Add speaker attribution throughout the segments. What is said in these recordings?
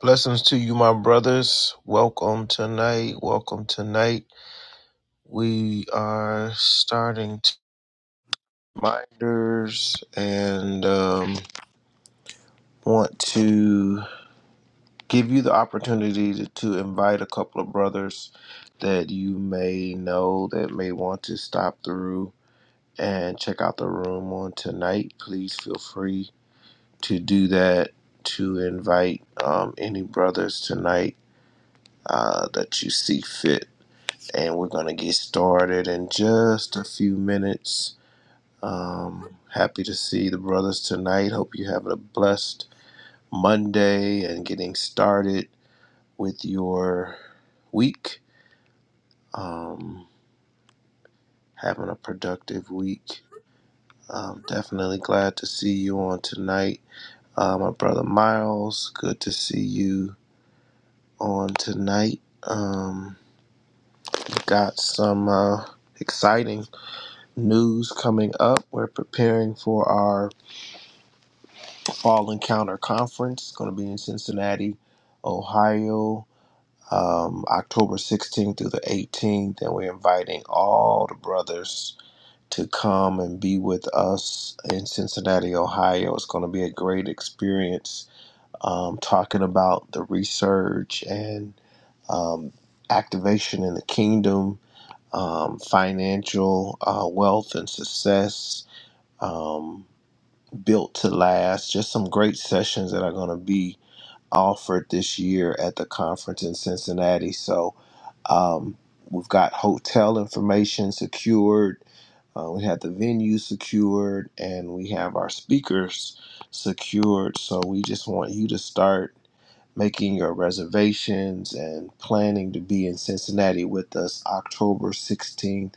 Speaker 1: Blessings to you, my brothers. Welcome tonight. Welcome tonight. We are starting t- reminders and um, want to give you the opportunity to, to invite a couple of brothers that you may know that may want to stop through and check out the room on tonight. Please feel free to do that, to invite um, any brothers tonight uh, that you see fit. and we're going to get started in just a few minutes. Um, happy to see the brothers tonight. Hope you have a blessed Monday and getting started with your week. Um, having a productive week. Um, definitely glad to see you on tonight. Uh, my brother Miles, good to see you on tonight. Um, got some uh, exciting news coming up. We're preparing for our Fall Encounter Conference. It's going to be in Cincinnati, Ohio, um, October 16th through the 18th. And we're inviting all the brothers to come and be with us in Cincinnati, Ohio. It's going to be a great experience um, talking about the research and um, activation in the kingdom, um, financial uh, wealth and success. Um, built to last just some great sessions that are going to be offered this year at the conference in Cincinnati. So um, we've got hotel information secured, uh, we have the venue secured, and we have our speakers secured. So we just want you to start making your reservations and planning to be in Cincinnati with us October 16th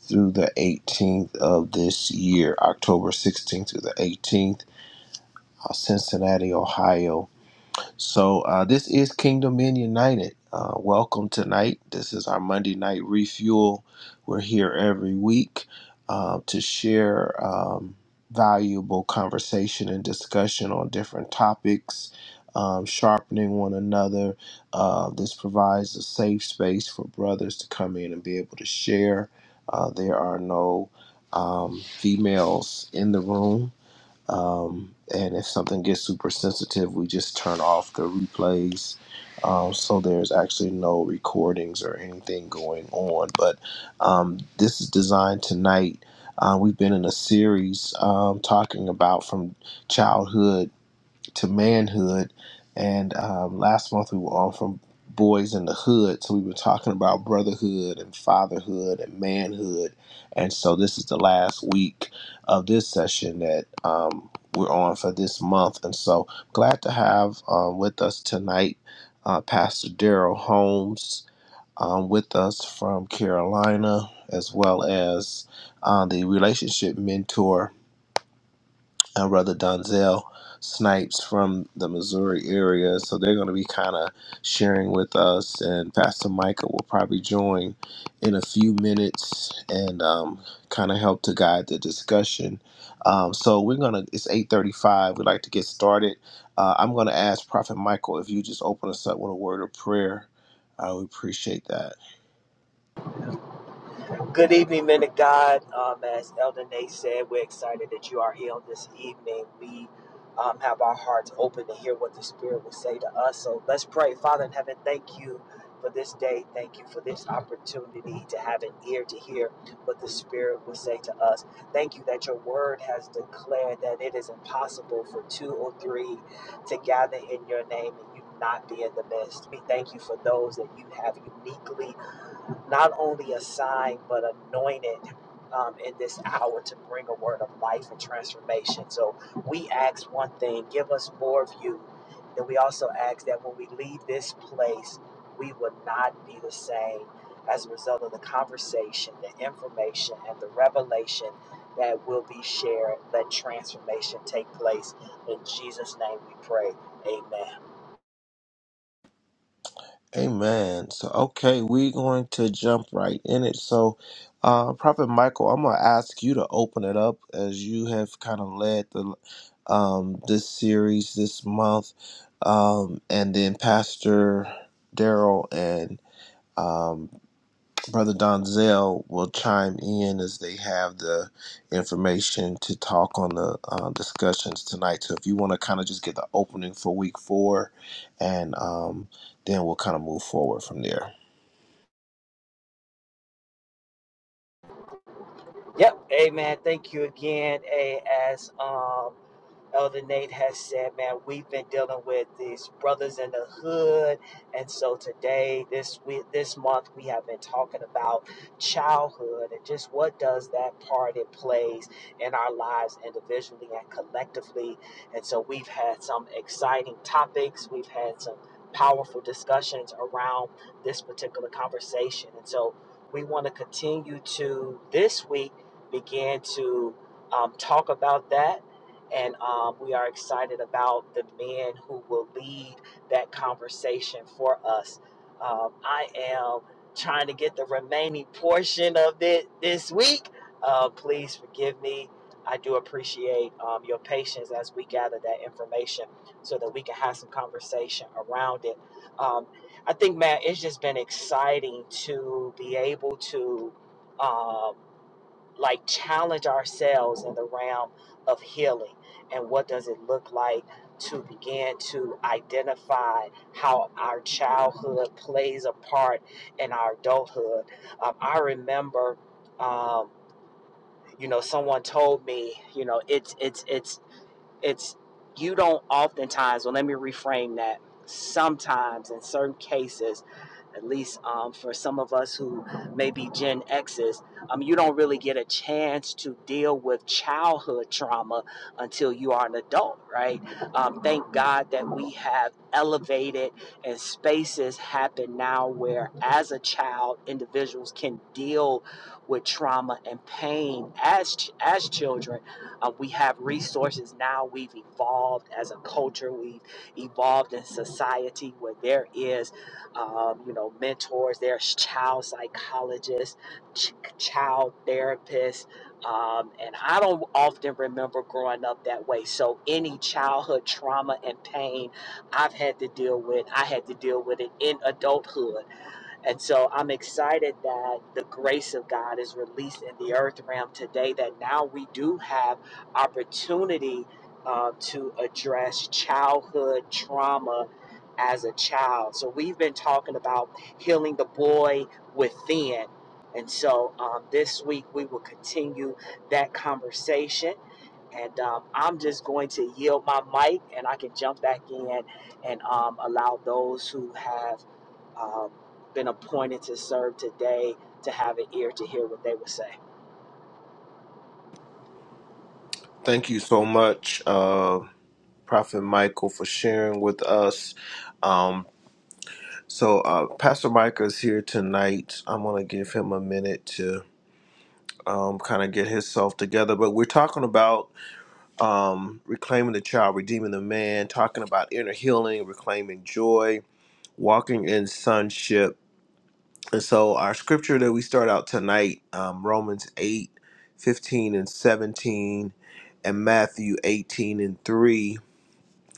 Speaker 1: through the 18th of this year. October 16th through the 18th, uh, Cincinnati, Ohio. So uh, this is Kingdom Men United. Uh, welcome tonight. This is our Monday night refuel. We're here every week uh, to share um, valuable conversation and discussion on different topics, um, sharpening one another. Uh, this provides a safe space for brothers to come in and be able to share. Uh, there are no um, females in the room um, and if something gets super sensitive, we just turn off the replays. Um, so there's actually no recordings or anything going on. But um, this is designed tonight. Uh, we've been in a series um, talking about from childhood to manhood. And um, last month we were on from boys in the hood, so we were talking about brotherhood and fatherhood and manhood. And so this is the last week of this session that um, we're on for this month. And so glad to have um, with us tonight uh, Pastor Daryl Holmes. Um, with us from Carolina, as well as uh, the relationship mentor uh, Brother Donzel Snipes from the Missouri area. So they're going to be kind of sharing with us, and Pastor Micah will probably join in a few minutes and um, kind of help to guide the discussion. Um, so we're gonna. It's eight thirty-five. We'd like to get started. Uh, I'm gonna ask Prophet Michael if you just open us up with a word of prayer. I would appreciate that.
Speaker 2: Good evening, men of God. Um, as Elder Nate said, we're excited that you are here on this evening. We um, have our hearts open to hear what the Spirit will say to us. So let's pray. Father in heaven, thank you for this day. Thank you for this opportunity to have an ear to hear what the Spirit will say to us. Thank you that your word has declared that it is impossible for two or three to gather in your name and you not be in the midst. We thank you for those that you have uniquely not only assigned but anointed um, in this hour to bring a word of life and transformation. So we ask one thing give us more of you. And we also ask that when we leave this place, we would not be the same as a result of the conversation, the information, and the revelation that will be shared. Let transformation take place. In Jesus' name we pray. Amen.
Speaker 1: Amen. So, okay, we're going to jump right in it. So, uh, Prophet Michael, I'm going to ask you to open it up as you have kind of led the um, this series this month, um, and then Pastor Daryl and um, Brother Donzel will chime in as they have the information to talk on the uh, discussions tonight. So if you want to kind of just get the opening for week four, and um, then we'll kind of move forward from there.
Speaker 2: Yep. Hey, man. Thank you again. Hey, as um, Elder Nate has said, man, we've been dealing with these brothers in the hood, and so today, this week, this month, we have been talking about childhood and just what does that part it plays in our lives individually and collectively. And so we've had some exciting topics. We've had some powerful discussions around this particular conversation, and so we want to continue to this week began to um, talk about that. And um, we are excited about the men who will lead that conversation for us. Um, I am trying to get the remaining portion of it this week. Uh, please forgive me. I do appreciate um, your patience as we gather that information so that we can have some conversation around it. Um, I think, man, it's just been exciting to be able to. Um, like challenge ourselves in the realm of healing and what does it look like to begin to identify how our childhood plays a part in our adulthood um, i remember um, you know someone told me you know it's it's it's it's you don't oftentimes, well, let me reframe that. Sometimes, in certain cases, at least um, for some of us who may be Gen X's, um, you don't really get a chance to deal with childhood trauma until you are an adult, right? Um, thank God that we have elevated and spaces happen now where, as a child, individuals can deal with trauma and pain as as children um, we have resources now. We've evolved as a culture. We've evolved in society where there is, um, you know, mentors. There's child psychologists, ch- child therapists. Um, and I don't often remember growing up that way. So any childhood trauma and pain I've had to deal with, I had to deal with it in adulthood and so I'm excited that the grace of God is released in the earth realm today, that now we do have opportunity uh, to address childhood trauma as a child. So we've been talking about healing the boy within. And so um, this week we will continue that conversation. And um, I'm just going to yield my mic and I can jump back in and um, allow those who have um, been appointed to serve today to have an ear to hear what they would say.
Speaker 1: Thank you so much, uh, Prophet Michael, for sharing with us. Um, so uh, Pastor Micah is here tonight. I'm going to give him a minute to um, kind of get himself together. But we're talking about um, reclaiming the child, redeeming the man, talking about inner healing, reclaiming joy, walking in sonship. And so our scripture that we start out tonight, um, Romans eight, fifteen and 17, and Matthew 18 and 3,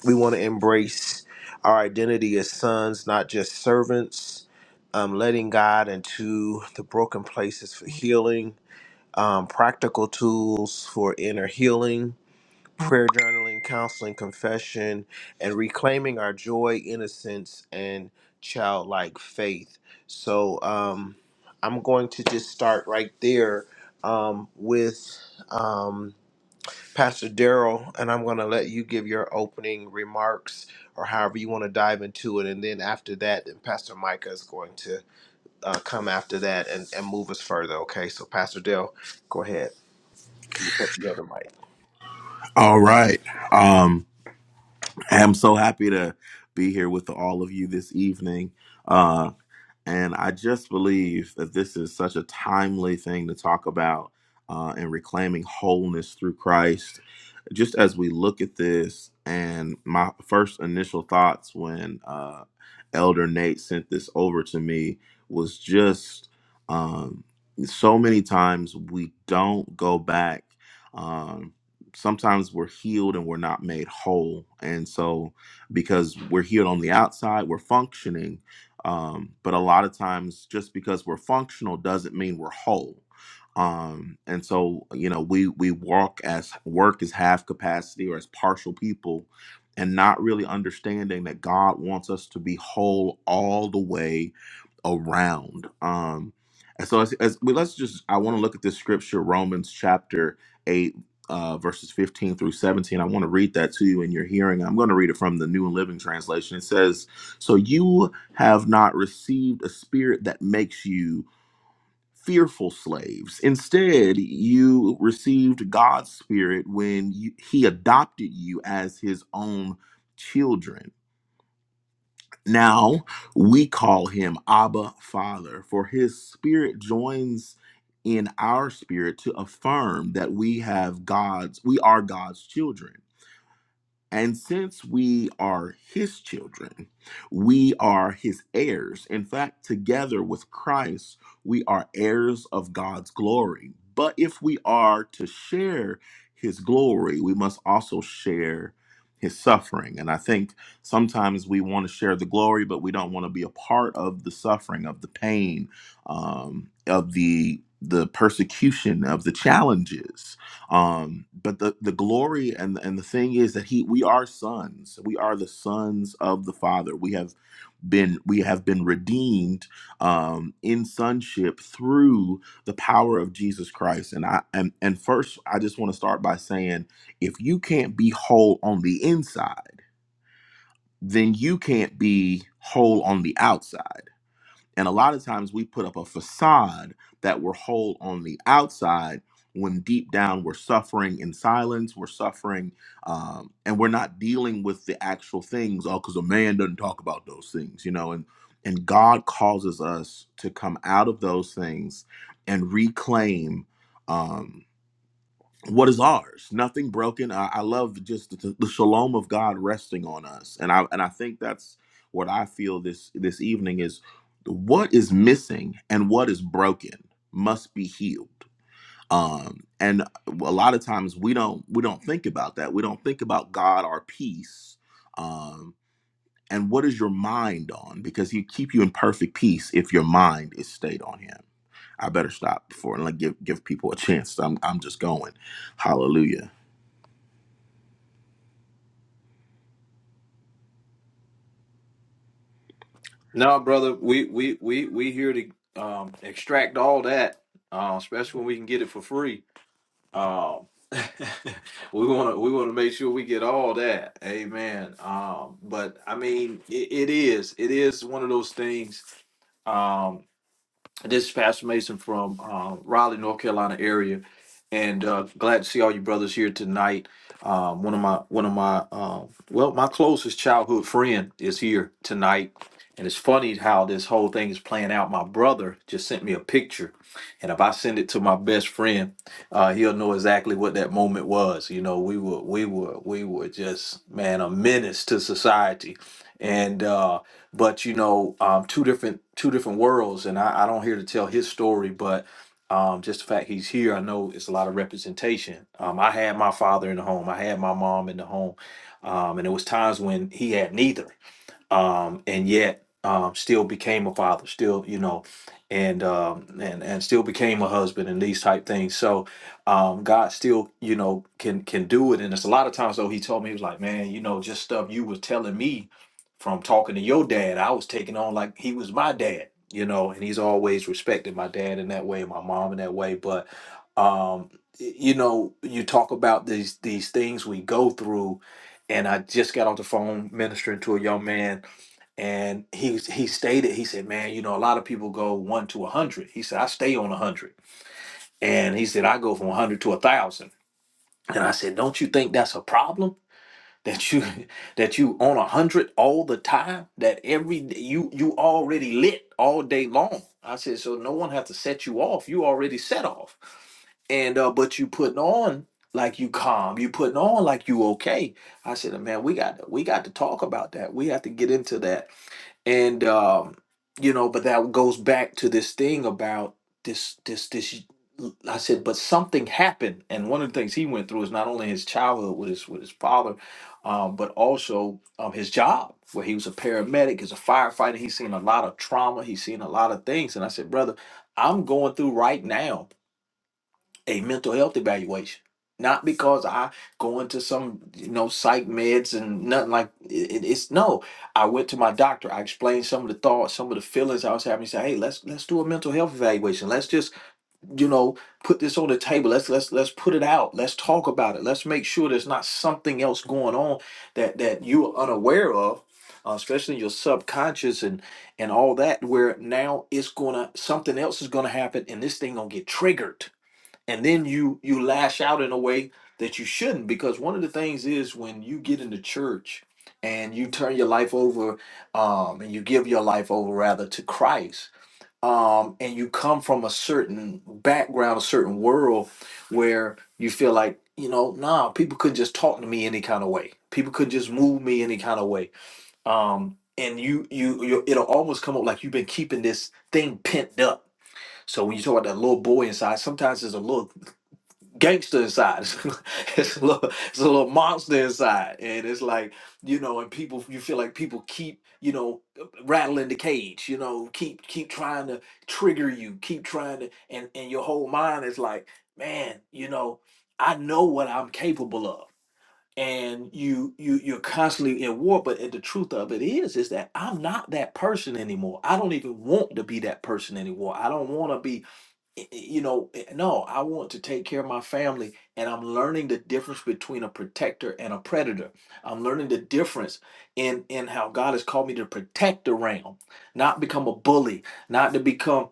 Speaker 1: we want to embrace our identity as sons, not just servants, um, letting God into the broken places for healing, um, practical tools for inner healing prayer journaling, counseling, confession, and reclaiming our joy, innocence, and childlike faith. So um, I'm going to just start right there um, with um, Pastor Daryl, and I'm going to let you give your opening remarks or however you want to dive into it. And then after that, then Pastor Micah is going to uh, come after that and, and move us further. Okay, so Pastor Daryl, go ahead. You take the other mic.
Speaker 3: All right. Um, I'm so happy to be here with all of you this evening. Uh, and I just believe that this is such a timely thing to talk about uh, and reclaiming wholeness through Christ just as we look at this, and my first initial thoughts when uh, Elder Nate sent this over to me was just um, so many times we don't go back. Um, sometimes we're healed and we're not made whole. And so, because we're healed on the outside, we're functioning. Um, but a lot of times, just because we're functional doesn't mean we're whole um and so you know we we walk as work as half capacity or as partial people and not really understanding that god wants us to be whole all the way around um and so as, as we let's just i want to look at this scripture romans chapter 8 uh, verses 15 through 17 i want to read that to you in your hearing i'm going to read it from the new living translation it says so you have not received a spirit that makes you fearful slaves. Instead, you received God's spirit when you, he adopted you as his own children. Now, we call him Abba Father, for his spirit joins in our spirit to affirm that we have God's we are God's children. And since we are his children, we are his heirs. In fact, together with Christ, we are heirs of God's glory. But if we are to share his glory, we must also share his suffering. And I think sometimes we want to share the glory, but we don't want to be a part of the suffering, of the pain, um, of the the persecution, of the challenges um but the the glory and and the thing is that he we are sons we are the sons of the father we have been we have been redeemed um in sonship through the power of jesus christ and i and, and first i just want to start by saying if you can't be whole on the inside then you can't be whole on the outside and a lot of times we put up a facade that we're whole on the outside when deep down we're suffering in silence, we're suffering, um, and we're not dealing with the actual things. Oh, because a man doesn't talk about those things, you know. And and God causes us to come out of those things and reclaim. Um, what is ours nothing broken i, I love just the, the shalom of god resting on us and i and i think that's what i feel this this evening is what is missing and what is broken must be healed um and a lot of times we don't we don't think about that we don't think about god our peace um and what is your mind on because he keep you in perfect peace if your mind is stayed on him i better stop before and like give give people a chance i'm, I'm just going hallelujah
Speaker 4: No, brother, we we we we here to um, extract all that, uh, especially when we can get it for free. Um, we want to we want to make sure we get all that. Amen. Um, but I mean, it, it is it is one of those things. Um, this is Pastor Mason from uh, Raleigh, North Carolina area, and uh, glad to see all you brothers here tonight. Um, one of my one of my uh, well, my closest childhood friend is here tonight, and it's funny how this whole thing is playing out. My brother just sent me a picture, and if I send it to my best friend, uh, he'll know exactly what that moment was. You know, we were we were we were just man a menace to society, and. Uh, but you know, um, two different two different worlds. And I, I don't here to tell his story, but um, just the fact he's here, I know it's a lot of representation. Um, I had my father in the home, I had my mom in the home, um, and there was times when he had neither um, and yet um, still became a father, still you know, and um, and and still became a husband and these type things. So um, God still you know can can do it. And it's a lot of times though He told me He was like, man, you know, just stuff you was telling me from talking to your dad, I was taking on like he was my dad, you know. And He's always respected my dad in that way, and my mom in that way, but. Um, y- you know, you talk about these these things we go through, and I just got off the phone ministering to a young man and he was- he stated he said man you know a lot of people go 1 to 100 he said i stay on 100 and he said i go from 100 to 1000 and i said don't you think that's a problem that you that you on 100 all the time that every d- you you already lit all day long i said so no one have to set you off you already set off and uh but you putting on like you calm you putting on like you okay i said man we got to we got to talk about that we have to get into that and um you know but that goes back to this thing about this this this i said but something happened and one of the things he went through is not only his childhood with his with his father um, but also um, his job where he was a paramedic he's a firefighter he's seen a lot of trauma he's seen a lot of things and i said brother i'm going through right now a mental health evaluation. Not because I go into some you know psych meds and nothing like it, it's no. I went to my doctor. I explained some of the thoughts, some of the feelings I was having. He said, "Hey, let's let's do a mental health evaluation. Let's just you know put this on the table. Let's let's let's put it out. Let's talk about it. Let's make sure there's not something else going on that that you are unaware of, uh, especially your subconscious and and all that. Where now it's gonna something else is gonna happen, and this thing gonna get triggered." and then you you lash out in a way that you shouldn't because one of the things is when you get into church and you turn your life over um and you give your life over rather to Christ um and you come from a certain background a certain world where you feel like you know nah people couldn't just talk to me any kind of way people could just move me any kind of way um and you you you it'll almost come up like you've been keeping this thing pent up so when you talk about that little boy inside, sometimes there's a little gangster inside. It's, a it's a little, it's a little monster inside, and it's like you know, and people you feel like people keep you know rattling the cage, you know, keep keep trying to trigger you, keep trying to, and and your whole mind is like, man, you know, I know what I'm capable of. And you you you're constantly in war, but the truth of it is is that I'm not that person anymore. I don't even want to be that person anymore. I don't want to be i- i- you know, i- no, I want to take care of my family. And I'm learning the difference between a protector and a predator. I'm learning the difference in in how God has called me to protect the realm, not become a bully, not to become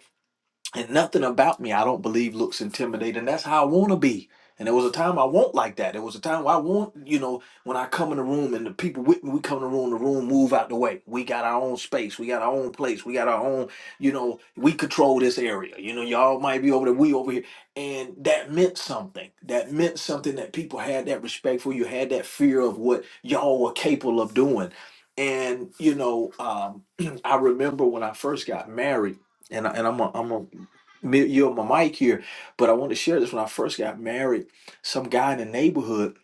Speaker 4: and nothing about me, I don't believe, looks intimidating. That's how I want to be. And there was a time I won't like that. There was a time where I want, you know, when I come in the room and the people with me, we come in the room, the room move out the way. We got our own space. We got our own place. We got our own, you know, we control this area. You know, y'all might be over there, we over here. And that meant something. That meant something that people had that respect for you, had that fear of what y'all were capable of doing. And, you know, um, I remember when I first got married and I, and I'm a, I'm a mi- yield my mic here, but I want to share this. When I first got married, some guy in the neighborhood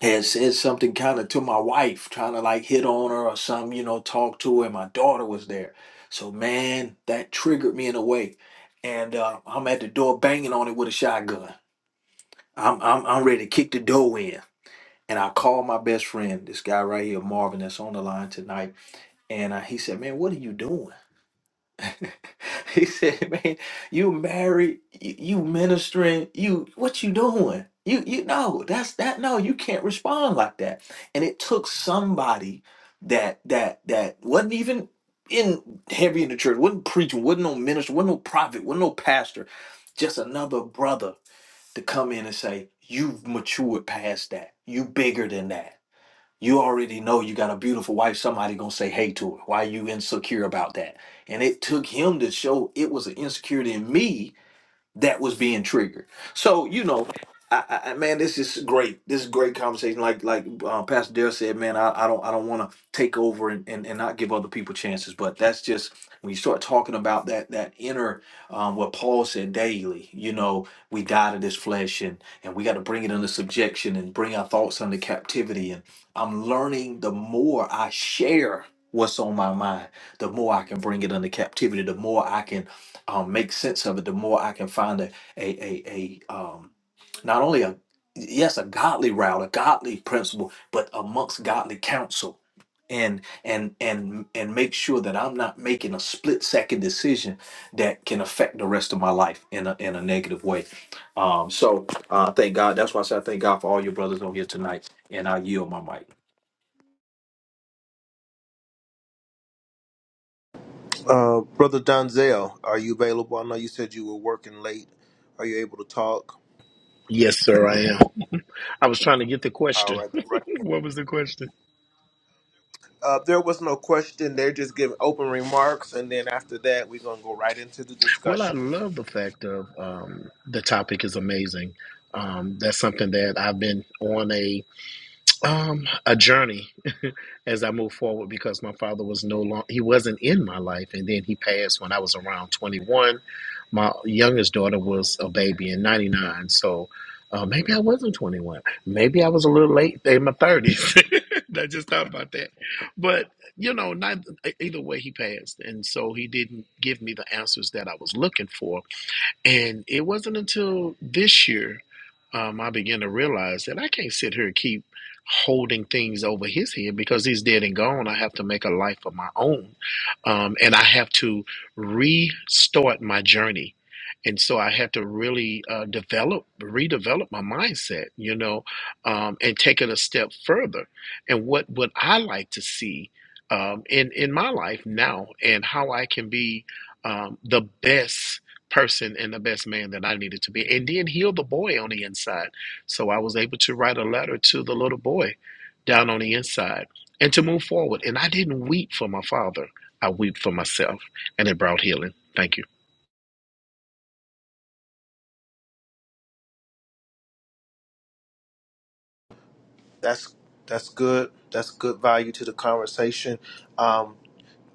Speaker 4: had said something kind of to my wife, trying to like hit on her or something, you know, talk to her. And my daughter was there. So, man, that triggered me in a way. And uh, I'm at the door banging on it with a shotgun. I'm, I'm, I'm ready to kick the door in. And I called my best friend, this guy right here, Marvin, that's on the line tonight. And uh, he said, Man, what are you doing? He said, "Man, you married, you, you ministering, you what you doing? You you know that's that. No, you can't respond like that." And it took somebody that that that wasn't even in heavy in the church, wasn't preaching, wasn't no minister, wasn't no prophet, wasn't no pastor, just another brother to come in and say, "You've matured past that. You bigger than that." you already know you got a beautiful wife somebody gonna say hey to her why you insecure about that and it took him to show it was an insecurity in me that was being triggered. So you know, I, I man, this is great. This is great conversation. Like like uh, Pastor Dale said, man, I, I don't I don't want to take over and, and and not give other people chances. But that's just when you start talking about that that inner um, what Paul said daily. You know, we die to this flesh and and we got to bring it under subjection and bring our thoughts under captivity. And I'm learning the more I share what's on my mind the more i can bring it under captivity the more i can um, make sense of it, the more I can find a a a, a um, not only a yes a godly route, a godly principle, but amongst godly counsel, and and and and make sure that I'm not making a split second decision that can affect the rest of my life in a in a negative way. Um, so uh, thank God. That's why I say I thank God for all your brothers on here tonight, and I yield my mic.
Speaker 1: Uh, Brother Donzel, are you available? I know you said you were working late. Are you able to talk?
Speaker 5: Yes, sir, I am. I was trying to get the
Speaker 1: All
Speaker 5: question.
Speaker 1: right, right.
Speaker 5: what was the question?
Speaker 1: Uh, there was no question. They're just giving open remarks, and then after that, we're gonna go right into the
Speaker 5: Well, I
Speaker 1: discussion.
Speaker 5: love the fact of um, the topic is amazing. Um, that's something that I've been on a um a journey as i move forward because my father was no long he wasn't in my life and then he passed when i was around 21 my youngest daughter was a baby in 99 so uh, maybe i wasn't 21 maybe i was a little late in my 30s i just thought about that but you know neither, e-, either way he passed and so he didn't give me the answers that i was looking for and it wasn't until this year um, I began to realize that I can't sit here and keep holding things over his head because he's dead and gone. I have to make a life of my own. Um, and I have to restart my journey. And so I had to really uh, develop, redevelop my mindset, you know, um, and take it a step further. And what would I like to see um, in in my life now, and how I can be um, the best person and the best man that I needed to be, and then heal the boy on the inside. So I was able to write a letter to the little boy down on the inside and to move forward. And I didn't weep for my father, I weep for myself, and it brought healing. Thank you.
Speaker 1: That's that's good. That's good value to the conversation. Um,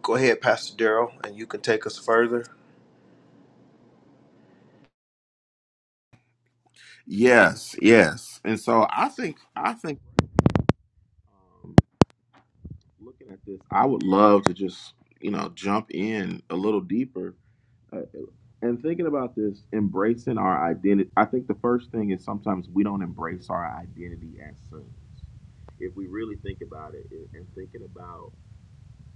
Speaker 1: go ahead, Pastor Daryl, and you can take us further.
Speaker 3: Yes, yes. And so I think I think um, looking at this, I would love to just you know jump in a little deeper uh, and thinking about this, embracing our identity. I think the first thing is sometimes we don't embrace our identity as sons. If we really think about it and and thinking about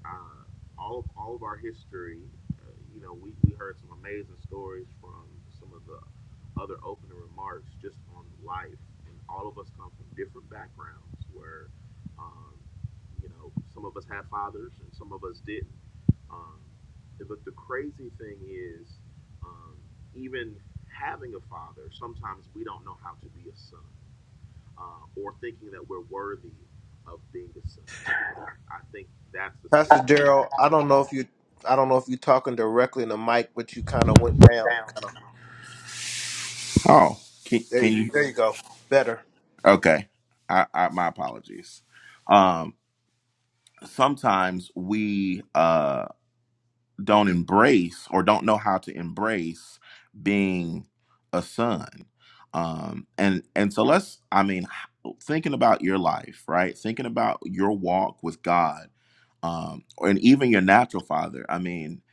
Speaker 3: uh, all of all of our history. Uh, you know, we, we heard some amazing stories from some of the other opening remarks just on life, and all of us come from different backgrounds where, um, you know, some of us had fathers and some of us didn't. Um, but the crazy thing is, um, even having a father, sometimes we don't know how to be a son, uh, or thinking that we're worthy of being a son. I think that's the scary.
Speaker 1: Pastor Daryl, I don't know if you, I don't know if you're talking directly in the mic, but you kind of went down. Kind of.
Speaker 3: Oh, can,
Speaker 1: There
Speaker 3: can
Speaker 1: you,
Speaker 3: you?
Speaker 1: there you go. Better.
Speaker 3: Okay, I, I, my apologies. Um, sometimes we uh, don't embrace or don't know how to embrace being a son, um, and and so let's. I mean, h- thinking about your life, right? Thinking about your walk with God, um, and even your natural father. I mean,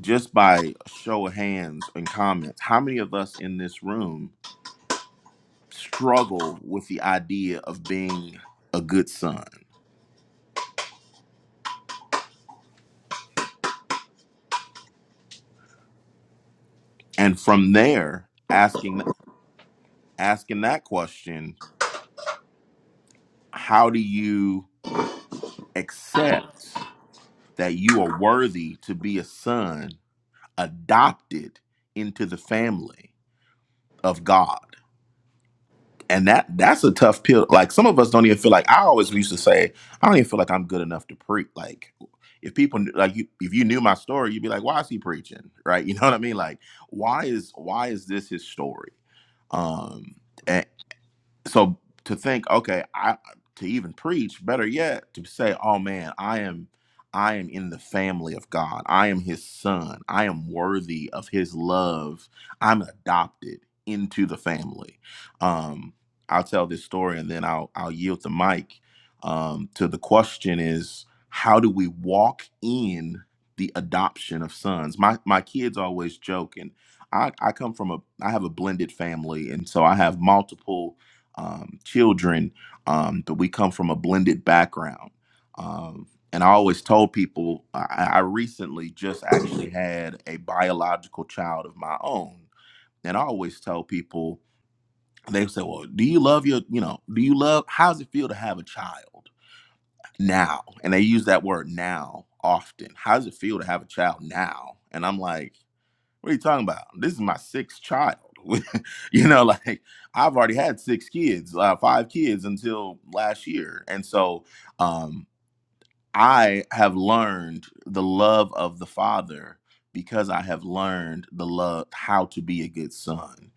Speaker 3: just by show of hands and comments, how many of us in this room? struggle with the idea of being a good son and from there asking asking that question how do you accept that you are worthy to be a son adopted into the family of god and that that's a tough pill. Like some of us don't even feel like I always used to say, I don't even feel like I'm good enough to preach. Like if people kn- like you, if you knew my story, you'd be like, why is he preaching? Right? You know what I mean? Like why is why is this his story? Um, so to think okay i to even preach better yet to say oh man i am i am in the family of god i am his son i am worthy of his love i'm adopted into the family um i'll tell this story and then i'll i'll yield the mic um to the question is how do we walk in the adoption of sons my my kids always joke and i i come from a i have a blended family and so i have multiple um, children, um, but we come from a blended background. Um, and I always told people I, I recently just actually had a biological child of my own, and I always tell people they say, "Well, do you love your, you know, do you love? How does it feel to have a child now?" And they use that word now often. How does it feel to have a child now? And I'm like. What are you talking about? This is my sixth child. you know, like I've already had six kids, uh, five kids until last year, and so. Um, I have learned the love of the Father because I have learned the love how to be a good son.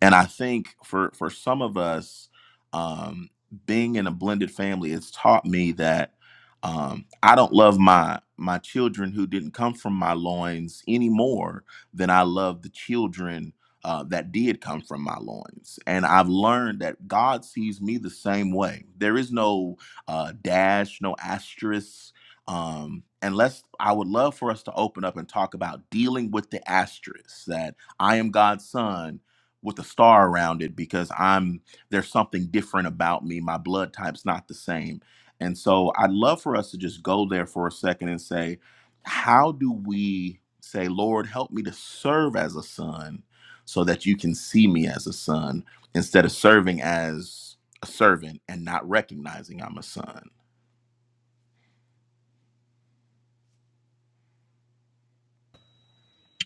Speaker 3: And I think for for some of us, um, being in a blended family, it's taught me that um, I don't love my my children who didn't come from my loins any more than I love the children uh, that did come from my loins. And I've learned that God sees me the same way. There is no uh, dash, no asterisk. Um, and let's, I would love for us to open up and talk about dealing with the asterisk that I am God's son with a star around it because I'm, there's something different about me. My blood type's not the same. And so I'd love for us to just go there for a second and say, how do we say, Lord, help me to serve as a son so that you can see me as a son instead of serving as a servant and not recognizing I'm a son?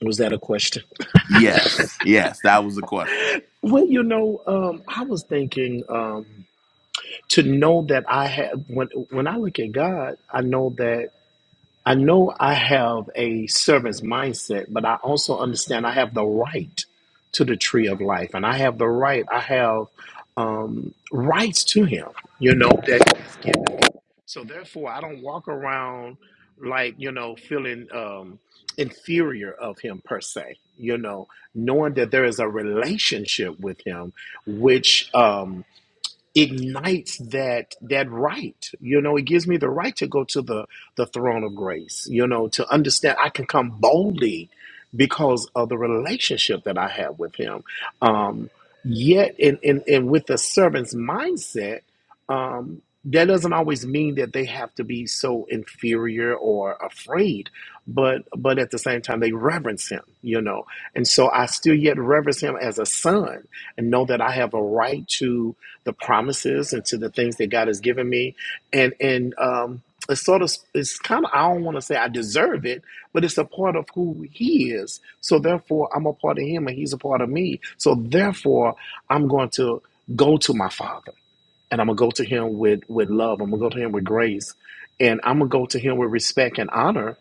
Speaker 5: Was that a question?
Speaker 3: Yes, yes, that was the question.
Speaker 5: Well, you know, um, I was thinking um, to know that I had, when, when I look at God, I know that. I know I have a servant's mindset, but I also understand I have the right to the tree of life, and I have the right. I have um, rights to him. You know that. he's given. So therefore, I don't walk around like you know feeling um, inferior of him per se. You know, knowing that there is a relationship with him, which Um, ignites that that right you know it gives me the right to go to the the throne of grace you know to understand i can come boldly because of the relationship that i have with him um yet in in and with the servant's mindset um that doesn't always mean that they have to be so inferior or afraid but but at the same time they reverence him you know and so i still yet reverence him as a son and know that i have a right to the promises and to the things that God has given me. And and um it's sort of it's kind of I don't want to say I deserve it, but it's a part of who he is. So therefore I'm a part of him and he's a part of me. So therefore I'm going to go to my father and I'm gonna go to him with with love. I'm gonna go to him with grace and I'm gonna go to him with respect and honor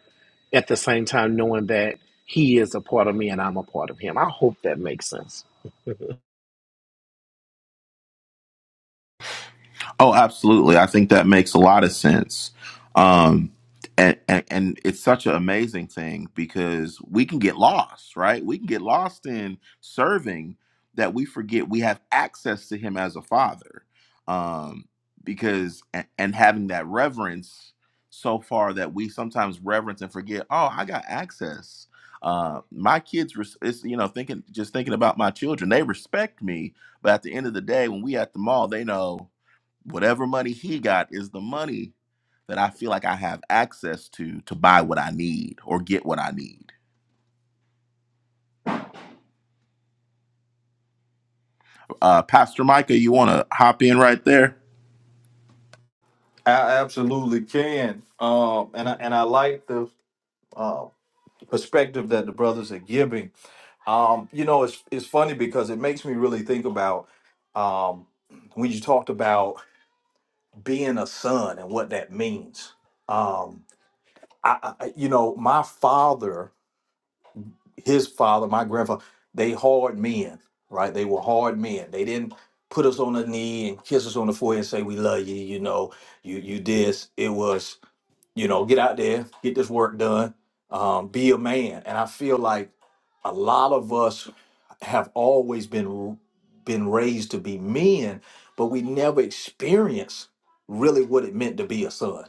Speaker 5: at the same time knowing that he is a part of me and I'm a part of him. I hope that makes sense.
Speaker 3: Oh, absolutely. I think that makes a lot of sense. Um, and, and, and it's such an amazing thing because we can get lost, right? We can get lost in serving that we forget we have access to Him as a Father. Um, because, and, and having that reverence so far that we sometimes reverence and forget, oh, I got access. Uh, my kids, res- it's, you know, thinking, just thinking about my children, they respect me. But at the end of the day, when we at the mall, they know Whatever money he got is the money that I feel like I have access to to buy what I need or get what I need. Uh, Pastor Micah, you want to hop in right there?
Speaker 4: I absolutely can. Um, and I, and I like the uh, perspective that the brothers are giving. Um, you know, it's it's funny because it makes me really think about um, when you talked about being a son and what that means. Um, I, I, you know, my father, his father, my grandfather, they hard men, right? They were hard men. They didn't put us on the knee and kiss us on the forehead and say we love you. You know, you you this. It was you know, get out there, get this work done, um, be a man. And I feel like a lot of us have always been been raised to be men, but we never experienced really what it meant to be a son.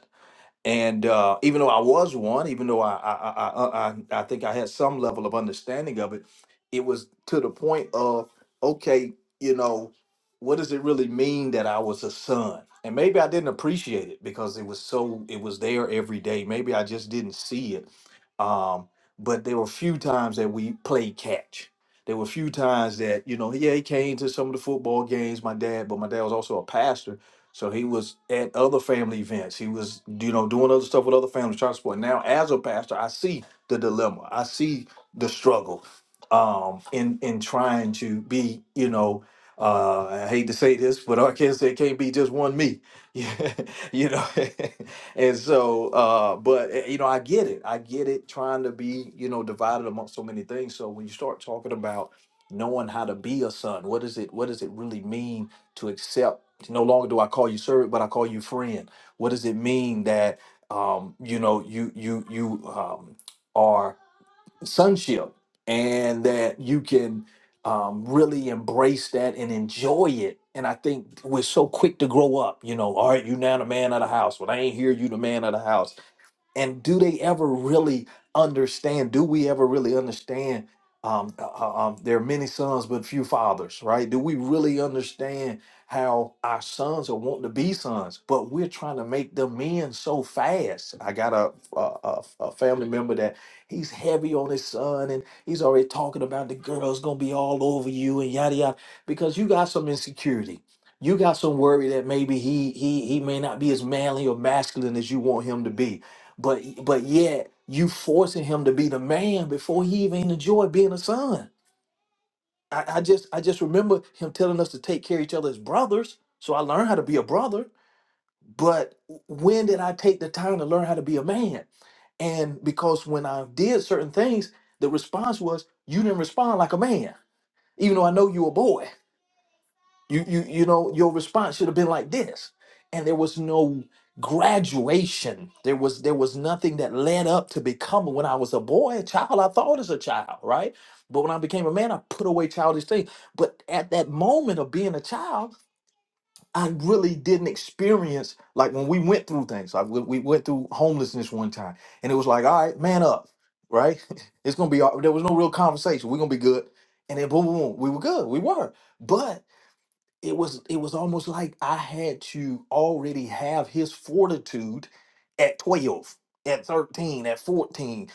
Speaker 4: And uh, even though I was one, even though I I, I I I I think I had some level of understanding of it, it was to the point of okay, you know, what does it really mean that I was a son? And maybe I didn't appreciate it because it was so it was there every day. Maybe I just didn't see it. Um, but there were few times that we played catch. There were few times that you know, yeah, he came to some of the football games, my dad, but my dad was also a pastor so he was at other family events. He was, you know, doing other stuff with other families, trying to support. Now, as a pastor, I see the dilemma. I see the struggle um, in in trying to be, you know, uh, I hate to say this, but I can't say it can't be just one me, Yeah, you know. and so, uh, but eh, you know, I get it. I get it. Trying to be, you know, divided amongst so many things. So when you start talking about knowing how to be a son, what is it? What does it really mean to accept? No longer do I call you servant, but I call you friend. What does it mean that um, you know you you you um, are sonship, and that you can um, really embrace that and enjoy it? And I think we're so quick to grow up. You know, all right, you now the man of the house. When I ain't here, you the man of the house and do they ever really understand do we ever really understand um, uh, uh, um there are many sons but few fathers right do we really understand how our sons are wanting to be sons but we're trying to make them men so fast i got a, a, a, a family member that he's heavy on his son and he's already talking about the girl's gonna be all over you and yada yada because you got some insecurity you got some worry that maybe he he he may not be as manly or masculine as you want him to be but but yet you forcing him to be the man before he even enjoyed being a son. I, I just I just remember him telling us to take care of each other as brothers. So I learned how to be a brother. But when did I take the time to learn how to be a man? And because when I did certain things, the response was, you didn't respond like a man, even though I know you a boy. You you you know your response should have been like this. And there was no graduation. There was there was nothing that led up to becoming when I was a boy, a child, I thought as a child, right? But when I became a man, I put away childish things. But at that moment of being a child, I really didn't experience like when we went through things. Like we, we went through homelessness one time, and it was like, all right, man up, right? It's gonna be. all- There was no real conversation. We're gonna be good. And then boom, boom, boom, we were good. We were. But it was it was almost like I had to already have his fortitude at 12, at 13, at 14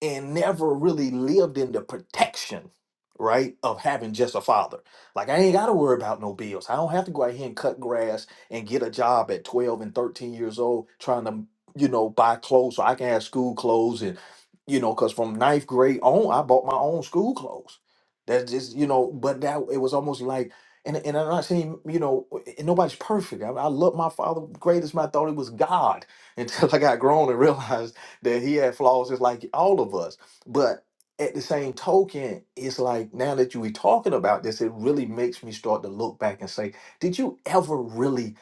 Speaker 4: and never really lived in the protection, right, of having just a father. Like I ain't gotta worry about no bills. I don't have to go out here and cut grass and get a job at 12 and 13 years old trying to, you know, buy clothes so I can have school clothes and you know, because from ninth grade on, I bought my own school clothes. That's just, you know, but that it was almost like and, and I'm not saying, you know, and nobody's perfect. I, I love my father great as my thought it was God until I got grown and realized that he had flaws just like all of us. But at the same token, it's like now that you were talking about this, it really makes me start to look back and say, did you ever really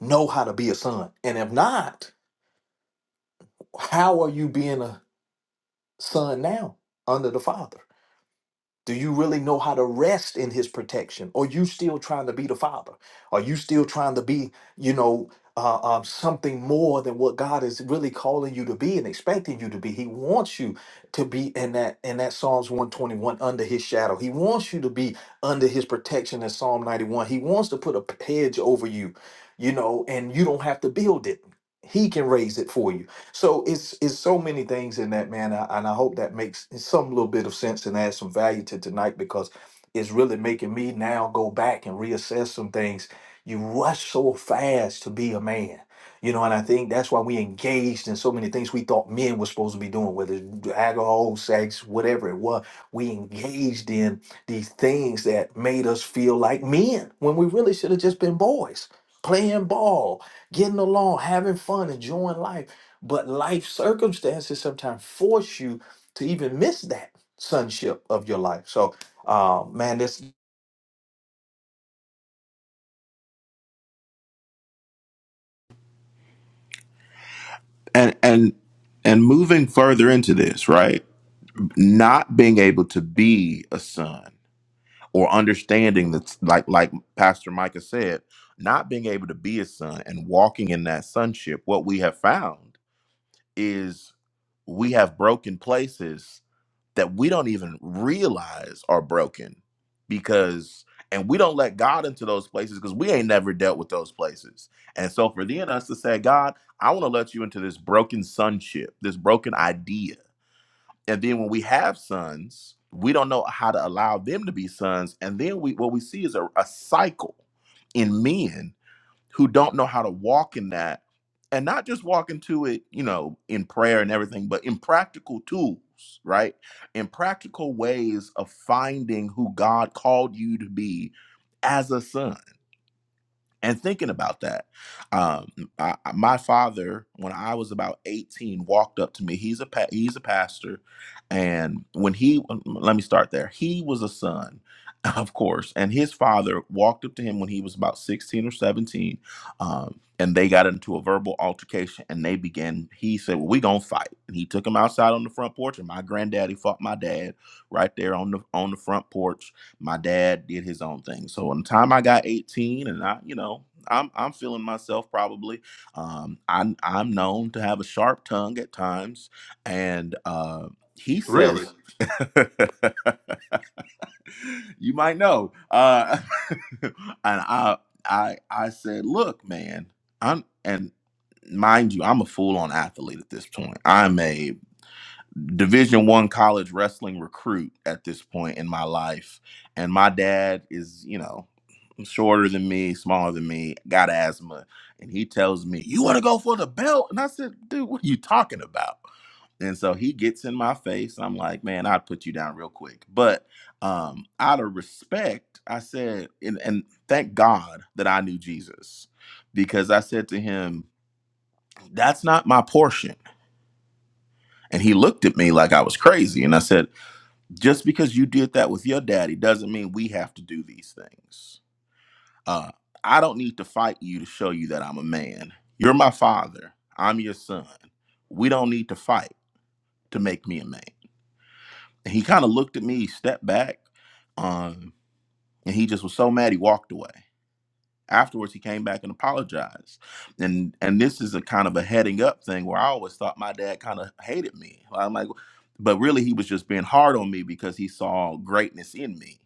Speaker 4: know how to be a son? And if not, how are you being a son now under the father? Do you really know how to rest in his protection? Or you still trying to be the father? Are you still trying to be, you know, uh, um, something more than what God is really calling you to be and expecting you to be? He wants you to be in that in that Psalms 121 under his shadow. He wants you to be under his protection in Psalm 91. He wants to put a hedge over you, you know, and you don't have to build it. He can raise it for you so it's it's so many things in that man, I- and I hope that makes some little bit of sense and adds some value to tonight because it's really making me now go back and reassess some things. You rush so fast to be a man, you know, and I think that's why we engaged in so many things we thought men were supposed to be doing, whether it's alcohol, sex, whatever it was. We engaged in these things that made us feel like men when we really should have just been boys, playing ball, getting along, having fun, enjoying life but life circumstances sometimes force you to even miss that sonship of your life. So, uh, man, this
Speaker 3: And and and moving further into this, right? Not being able to be a son or understanding that's like like Pastor Micah said, not being able to be a son and walking in that sonship, what we have found is we have broken places that we don't even realize are broken because and we don't let God into those places because we ain't never dealt with those places. And so for thee and us to say, God, I want to let you into this broken sonship, this broken idea. And then when we have sons, we don't know how to allow them to be sons. And then we what we see is a, a cycle in men who don't know how to walk in that and not just walk into it, you know, in prayer and everything, but in practical tools, right? In practical ways of finding who God called you to be as a son and thinking about that um I, my father when i was about 18 walked up to me he's a pa- he's a pastor and when he let me start there he was a son of course and his father walked up to him when he was about 16 or 17 um and they got into a verbal altercation and they began he said well we gonna fight and he took him outside on the front porch and my granddaddy fought my dad right there on the on the front porch my dad did his own thing. So on the time I got 18 and I, you know, I'm I'm feeling myself probably. Um I'm I'm known to have a sharp tongue at times. And uh he says you might know. Uh and I I I said, look, man, I'm and mind you, I'm a full on athlete at this point. I'm a division one college wrestling recruit at this point in my life and my dad is you know shorter than me smaller than me got asthma and he tells me you want to go for the belt and i said dude what are you talking about and so he gets in my face and i'm like man i'd put you down real quick but um out of respect i said and, and thank god that i knew jesus because i said to him that's not my portion and he looked at me like i was crazy and i said Just because you did that with your daddy doesn't mean we have to do these things. Uh, I don't need to fight you to show you that I'm a man. You're my father. I'm your son. We don't need to fight to make me a man. And he kind of looked at me, he stepped back, um, and he just was so mad he walked away. afterwards he came back and apologized and and this is a kind of a heading up thing where i always thought my dad kind of hated me i'm like but really he was just being hard on me because he saw greatness in me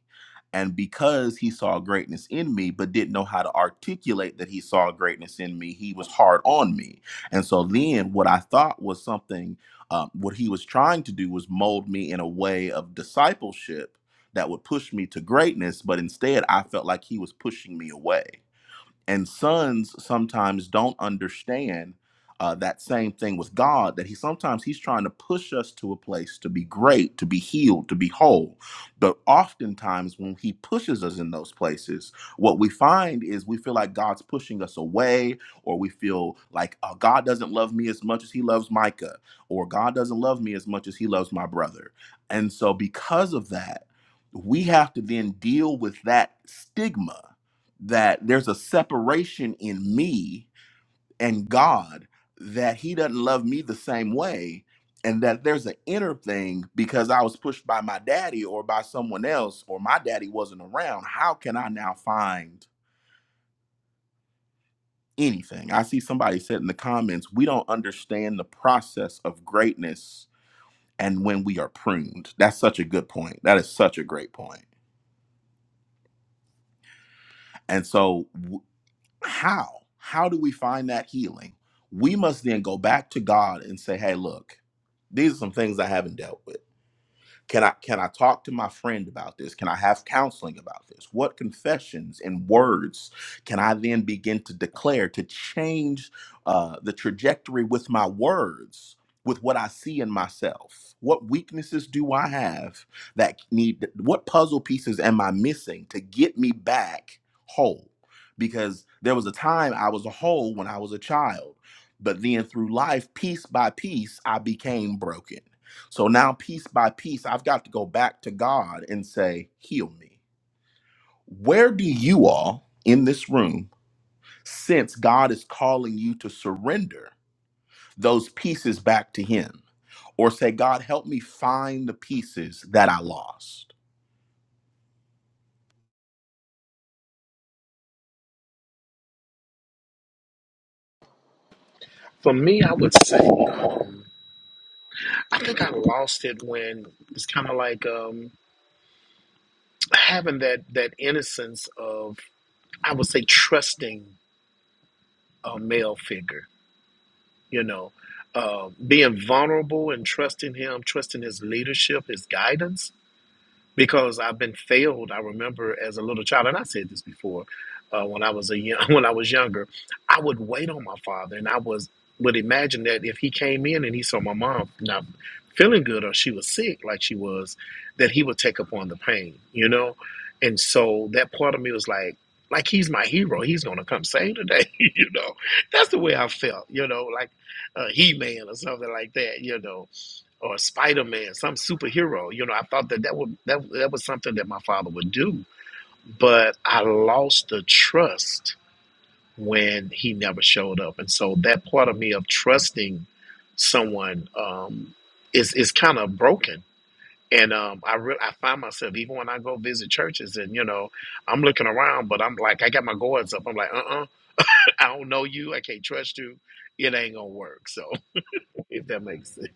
Speaker 3: and because he saw greatness in me but didn't know how to articulate that he saw greatness in me he was hard on me and so then what i thought was something um, what he was trying to do was mold me in a way of discipleship that would push me to greatness but instead i felt like he was pushing me away and sons sometimes don't understand uh, that same thing with God that he sometimes he's trying to push us to a place to be great, to be healed, to be whole. But oftentimes when he pushes us in those places, what we find is we feel like God's pushing us away, or we feel like oh, God doesn't love me as much as he loves Micah, or God doesn't love me as much as he loves my brother. And so because of that, we have to then deal with that stigma that there's a separation in me and God that he doesn't love me the same way and that there's an inner thing because I was pushed by my daddy or by someone else or my daddy wasn't around how can I now find anything I see somebody said in the comments we don't understand the process of greatness and when we are pruned that's such a good point that is such a great point point. and so How? How do we find that healing? We must then go back to God and say, hey, look, these are some things I haven't dealt with. Can I can I talk to my friend about this? Can I have counseling about this? What confessions and words can I then begin to declare to change uh, the trajectory with my words, with what I see in myself? What weaknesses do I have that need? What puzzle pieces am I missing to get me back whole? Because there was a time I was a whole when I was a child, but then through life, piece by piece, I became broken so now, piece by piece, I've got to go back to God and say, Heal me. Where do you all in this room sense God is calling you to surrender those pieces back to Him? Or say, God, help me find the pieces that I lost?
Speaker 5: For me, I would say I think I lost it when it's kind of like um, having that that innocence of I would say trusting a male figure, you know, uh, being vulnerable and trusting him, trusting his leadership, his guidance. because I've been failed. I remember as a little child, and I said this before, uh, when I was a young, when I was younger, I would wait on my father, and I was would imagine that if he came in and he saw my mom not feeling good or she was sick, like she was, that he would take upon the pain, you know. And so that part of me was like, like he's my hero. He's gonna come save today, you know. That's the way I felt, you know, like uh, He Man or something like that, you know or Spider Man, some superhero. You know, I thought that that would that that was something that my father would do, but I lost the trust when he never showed up, and so that part of me of trusting someone um, is is kind of broken. And um, I re- I find myself even when I go visit churches, and you know, I'm looking around, but I'm like, I got my guards up. I'm like, uh, uh I don't know you. I can't trust you. It ain't gonna work. So if that makes sense.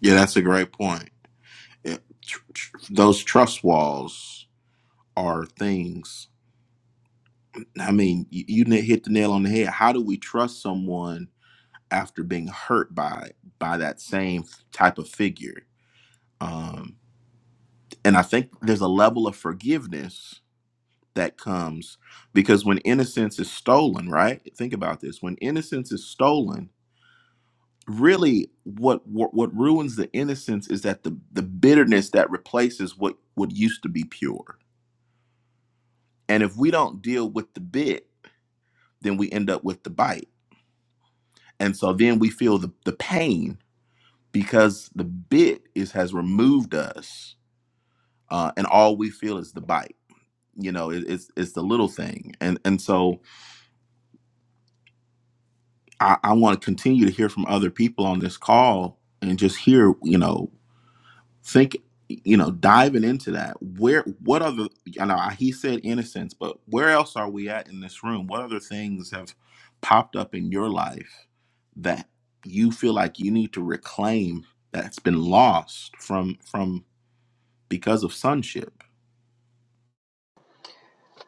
Speaker 3: Yeah, that's a great point. Yeah, tr- tr- those trust walls are things. I mean, you, you na- hit the nail on the head. How do we trust someone after being hurt by by that same type of figure? Um, and I think there's a level of forgiveness that comes because when innocence is stolen, right? Think about this: when innocence is stolen, really, what what, what ruins the innocence is that the the bitterness that replaces what what used to be pure. And if we don't deal with the bit, then we end up with the bite, and so then we feel the the pain because the bit is has removed us, uh, and all we feel is the bite you know it, it's it's the little thing and and so i, I want to continue to hear from other people on this call and just hear you know think you know diving into that where what other you know he said innocence but where else are we at in this room what other things have popped up in your life that you feel like you need to reclaim that's been lost from from because of sonship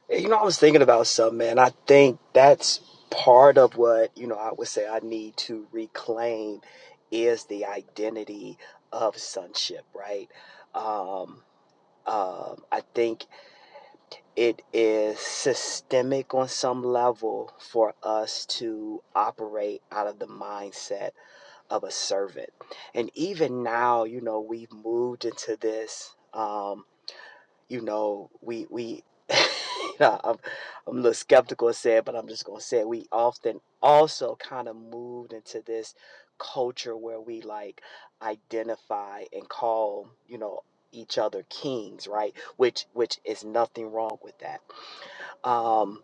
Speaker 2: You know, I was thinking about something, man. I think that's part of what, you know, I would say I need to reclaim is the identity of sonship, right? Um, um, I think it is systemic on some level for us to operate out of the mindset of a servant. And even now, you know, we've moved into this. Um, you know, we we. I'm, I'm a little skeptical to say it, but I'm just gonna say it. we often also kind of moved into this culture where we like identify and call, you know, each other kings, right? Which which is nothing wrong with that. Um,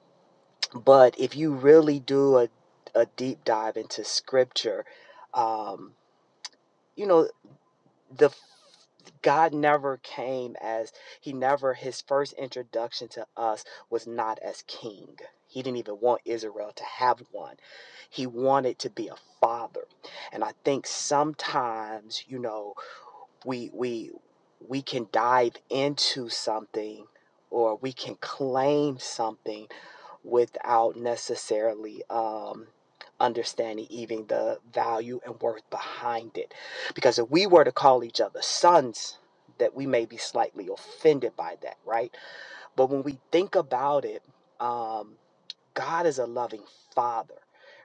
Speaker 2: but if you really do a a deep dive into scripture, um, you know, the God never came as he never his first introduction to us was not as king. He didn't even want Israel to have one. He wanted to be a father. And I think sometimes, you know, we we we can dive into something or we can claim something without necessarily um, understanding even the value and worth behind it. Because if we were to call each other sons, that we may be slightly offended by that, right? But when we think about it, um, God is a loving father,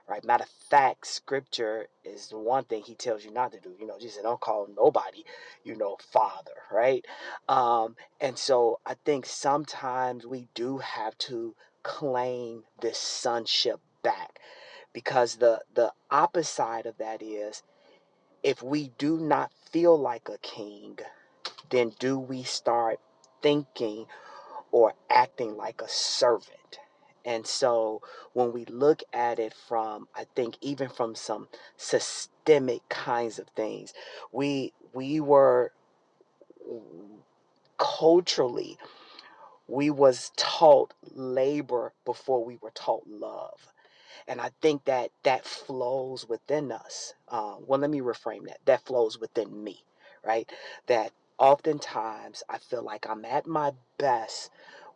Speaker 2: right? Matter of fact, scripture is the one thing he tells you not to do. You know, Jesus said, don't call nobody, you know, father, right? Um, and so I think sometimes we do have to claim this sonship back because the the opposite side of that is if we do not feel like a king, then do we start thinking or acting like a servant. And so when we look at it from I think even from some systemic kinds of things, we we were culturally we was taught labor before we were taught love and I think that that flows within us. Um, well, let me reframe that. That flows within me, right? That oftentimes I feel like I'm at my best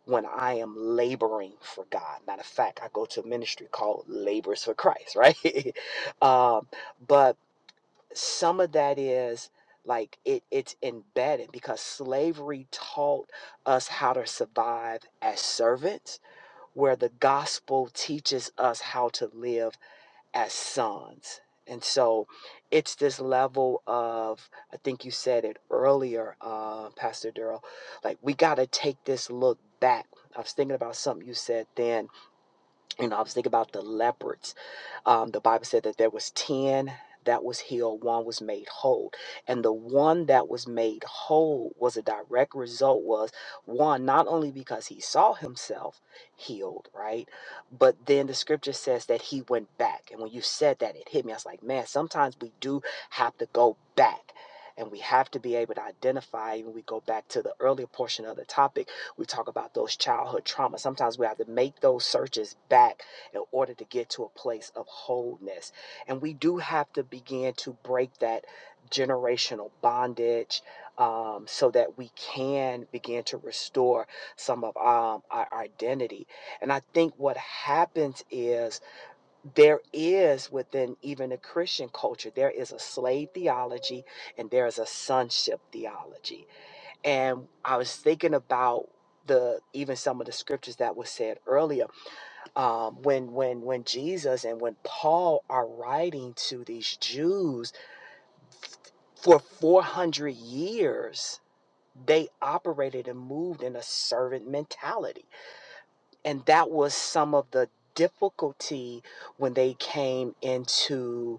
Speaker 2: when I am laboring for God. Matter of fact, I go to a ministry called Labors for Christ, right? um, but some of that is like it, it's embedded because slavery taught us how to survive as servants, where the gospel teaches us how to live as sons. And so it's this level of, I think you said it earlier, uh, Pastor Durrell, like we got to take this look back. I was thinking about something you said then. You know, I was thinking about the leopards um, the Bible said that there was 10 that was healed, one was made whole. And the one that was made whole was a direct result was one, not only because he saw himself healed, right? But then the scripture says that he went back. And when you said that, it hit me. I was like, man, sometimes we do have to go back. And we have to be able to identify. When we go back to the earlier portion of the topic, we talk about those childhood traumas. Sometimes we have to make those searches back in order to get to a place of wholeness. And we do have to begin to break that generational bondage um, so that we can begin to restore some of um, our identity. And I think what happens is there is within even the Christian culture, there is a slave theology and there is a sonship theology. And I was thinking about the even some of the scriptures that was said earlier um, when when when Jesus and when Paul are writing to these Jews for 400 years they operated and moved in a servant mentality and that was some of the difficulty when they came into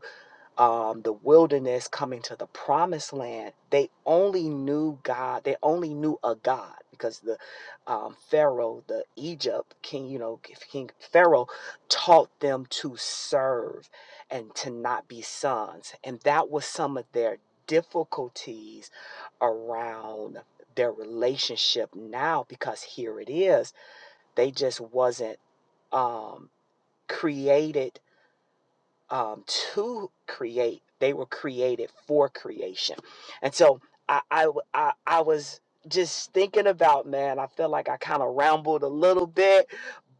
Speaker 2: um, the wilderness coming to the promised land, they only knew God. They only knew a God because the um, Pharaoh, the Egypt king, you know, King Pharaoh taught them to serve and to not be sons. And that was some of their difficulties around their relationship now because here it is. They just wasn't um, created um, to create. They were created for creation. And so I, I, I I was just thinking about, man, I feel like I kind of rambled a little bit,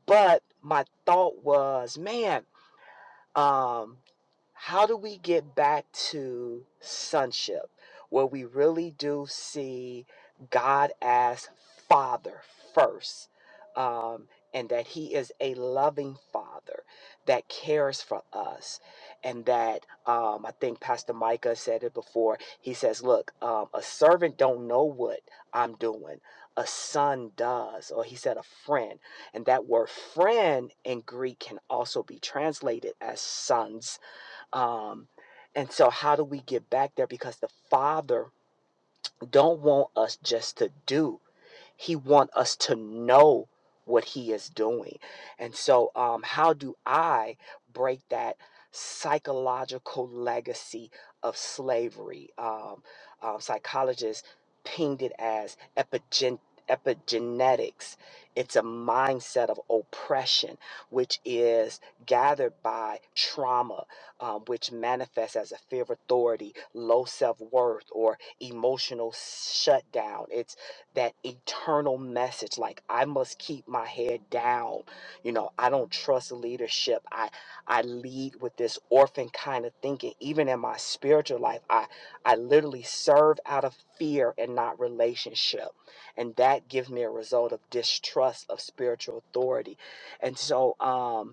Speaker 2: but my thought was, man, um, how do we get back to sonship where we really do see God as Father first? Um, and that he is a loving father that cares for us. And that um, I think Pastor Micah said it before. He says, Look, um, a servant don't know what I'm doing, a son does. Or he said, A friend. And that word friend in Greek can also be translated as sons. Um, and so, how do we get back there? Because the Father don't want us just to do, he want us to know what he is doing. And so um how do I break that psychological legacy of slavery? Um, um psychologists pinged it as epigen epigenetics. It's a mindset of oppression, which is gathered by trauma, um, which manifests as a fear of authority, low self worth, or emotional shutdown. It's that eternal message like I must keep my head down. You know, I don't trust leadership. I I lead with this orphan kind of thinking. Even in my spiritual life, I I literally serve out of fear and not relationship. And that gives me a result of distrust of spiritual authority. And so um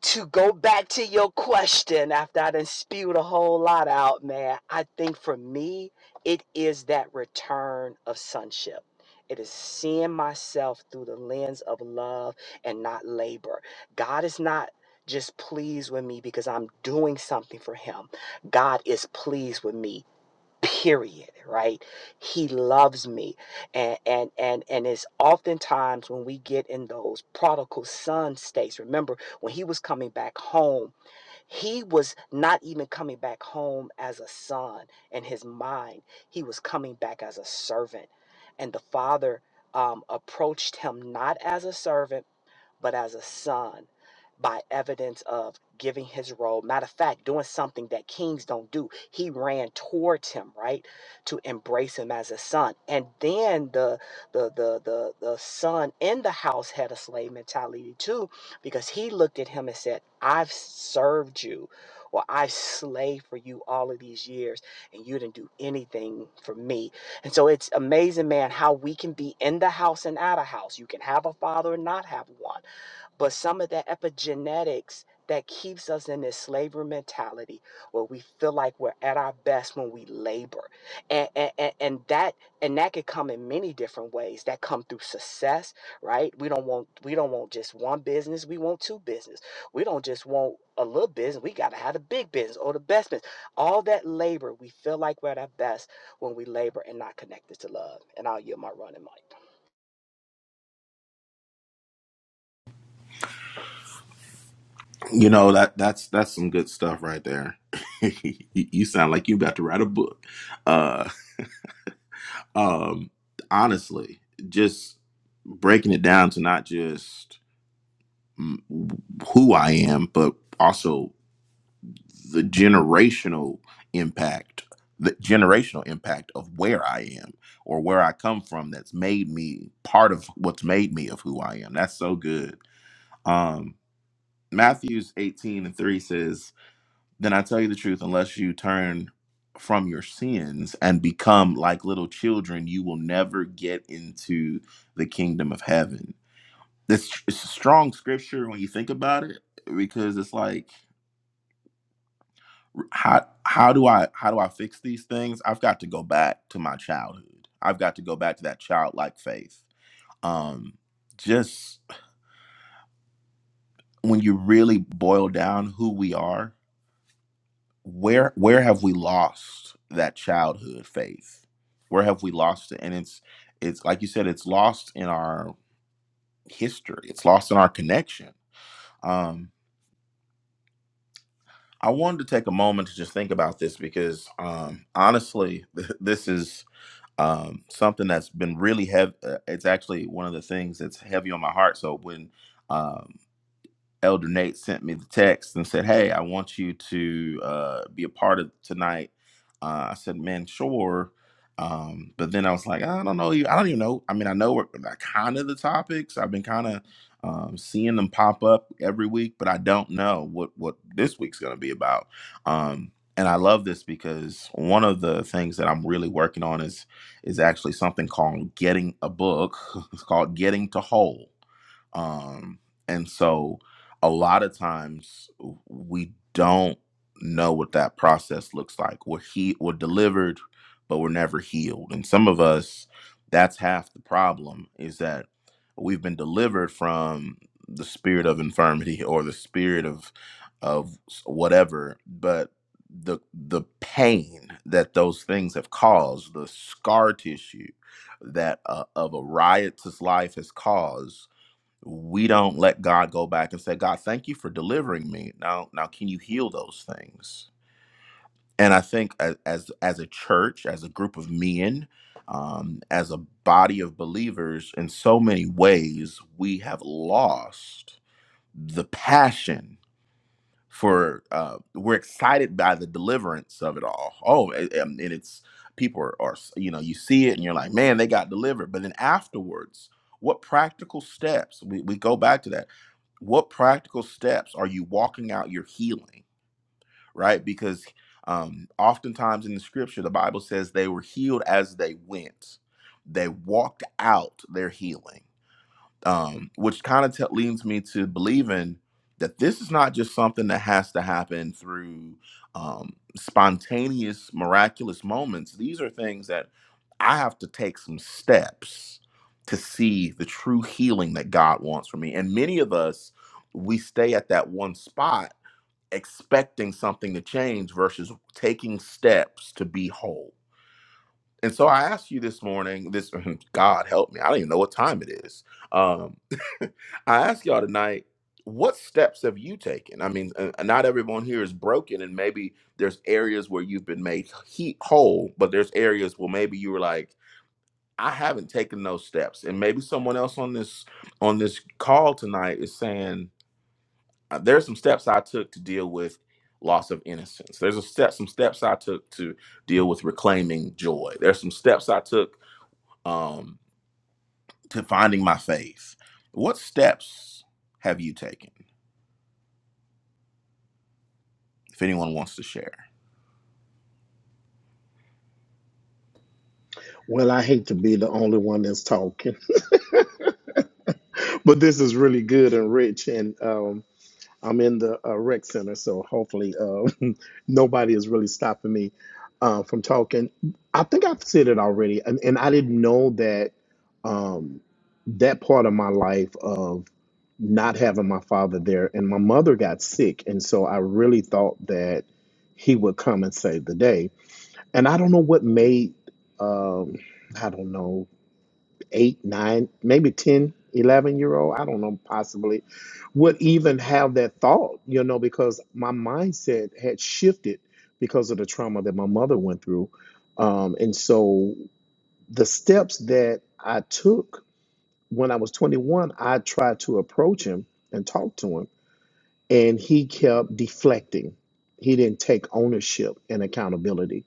Speaker 2: to go back to your question after I done spewed a whole lot out, man, I think for me, it is that return of sonship. It is seeing myself through the lens of love and not labor. God is not just pleased with me because I'm doing something for him. God is pleased with me period right he loves me and and and and it's oftentimes when we get in those prodigal son states remember when he was coming back home he was not even coming back home as a son in his mind he was coming back as a servant and the father um, approached him not as a servant but as a son by evidence of giving his role. Matter of fact, doing something that kings don't do. He ran towards him, right, to embrace him as a son. And then the the the the, the son in the house had a slave mentality too, because he looked at him and said, "I've served you." Or I've slaved for you all of these years and you didn't do anything for me. And so it's amazing, man, how we can be in the house and out of house. You can have a father and not have one but some of that epigenetics that keeps us in this slavery mentality where we feel like we're at our best when we labor. And, and, and, and that and that could come in many different ways. That come through success, right? We don't want we don't want just one business, we want two business. We don't just want a little business, we gotta have the big business or the best business. All that labor, we feel like we're at our best when we labor and not connected to love. And I'll yield my running mic.
Speaker 3: You know that that's that's some good stuff right there. you you sound like you about to write a book. Uh, um, honestly, just breaking it down to not just mm, who I am, but also the generational impact, the generational impact of where I am or where I come from. That's made me part of what's made me of who I am. That's so good. Um, Matthew's eighteen and three says. Then I tell you the truth, unless you turn from your sins and become like little children, you will never get into the kingdom of heaven. This it's a strong scripture when you think about it, because it's like how how do I how do I fix these things? I've got to go back to my childhood. I've got to go back to that childlike faith. Um, just when you really boil down who we are where where have we lost that childhood faith where have we lost it and it's it's like you said it's lost in our history it's lost in our connection um i wanted to take a moment to just think about this because um honestly th- this is um something that's been really heavy it's actually one of the things that's heavy on my heart so when um Elder Nate sent me the text and said, "Hey, I want you to uh, be a part of tonight." Uh, I said, "Man, sure," um, but then I was like, "I don't know. I don't even know. I mean, I know kind of the topics. I've been kind of um, seeing them pop up every week, but I don't know what what this week's going to be about." Um, and I love this because one of the things that I'm really working on is is actually something called getting a book. It's called Getting to Whole um and so a lot of times we don't know what that process looks like. We're he we're delivered, but we're never healed. And some of us, that's half the problem, is that we've been delivered from the spirit of infirmity or the spirit of of whatever, but the the pain that those things have caused, the scar tissue that uh, of a riotous life has caused we don't let God go back and say, God, thank you for delivering me. Now, now, can you heal those things? And I think as as, as a church, as a group of men, um, as a body of believers, in so many ways, we have lost the passion for uh, we're excited by the deliverance of it all. Oh, and, and it's people are, are you know you see it and you're like, man, they got delivered. But then afterwards, what practical steps? We we go back to that. What practical steps are you walking out your healing? Right, because um, oftentimes in the scripture, the Bible says they were healed as they went. They walked out their healing um, which kind of te- leads me to believing that this is not just something that has to happen through um, spontaneous, miraculous moments. These are things that I have to take some steps to see the true healing that God wants for me. And many of us, we stay at that one spot expecting something to change versus taking steps to be whole and so I asked you this morning, this God help me, I don't even know what time it is. Um, I asked y'all tonight, what steps have you taken? I mean, uh, uh, not everyone here is broken, and maybe there's areas where you've been made he- whole, but there's areas where maybe you were like, I haven't taken those steps, and maybe someone else on this on this call tonight is saying "Uh, there's some steps I took to deal with loss of innocence. There's a step, some steps I took to deal with reclaiming joy. There's some steps I took um, to finding my faith. What steps have you taken? If anyone wants to share,
Speaker 5: Well, I hate to be the only one that's talking. but this is really good and rich and um i'm in the uh, rec center so hopefully uh, nobody is really stopping me uh, from talking i think i've said it already and, and i didn't know that um that part of my life of not having my father there and my mother got sick and so i really thought that he would come and save the day and i don't know what made um i don't know eight, nine, maybe 1011 year old, I don't know, possibly, would even have that thought, you know, because my mindset had shifted because of the trauma that my mother went through. Um, and so the steps that I took when I was 21, I tried to approach him and talk to him, and he kept deflecting. He didn't take ownership and accountability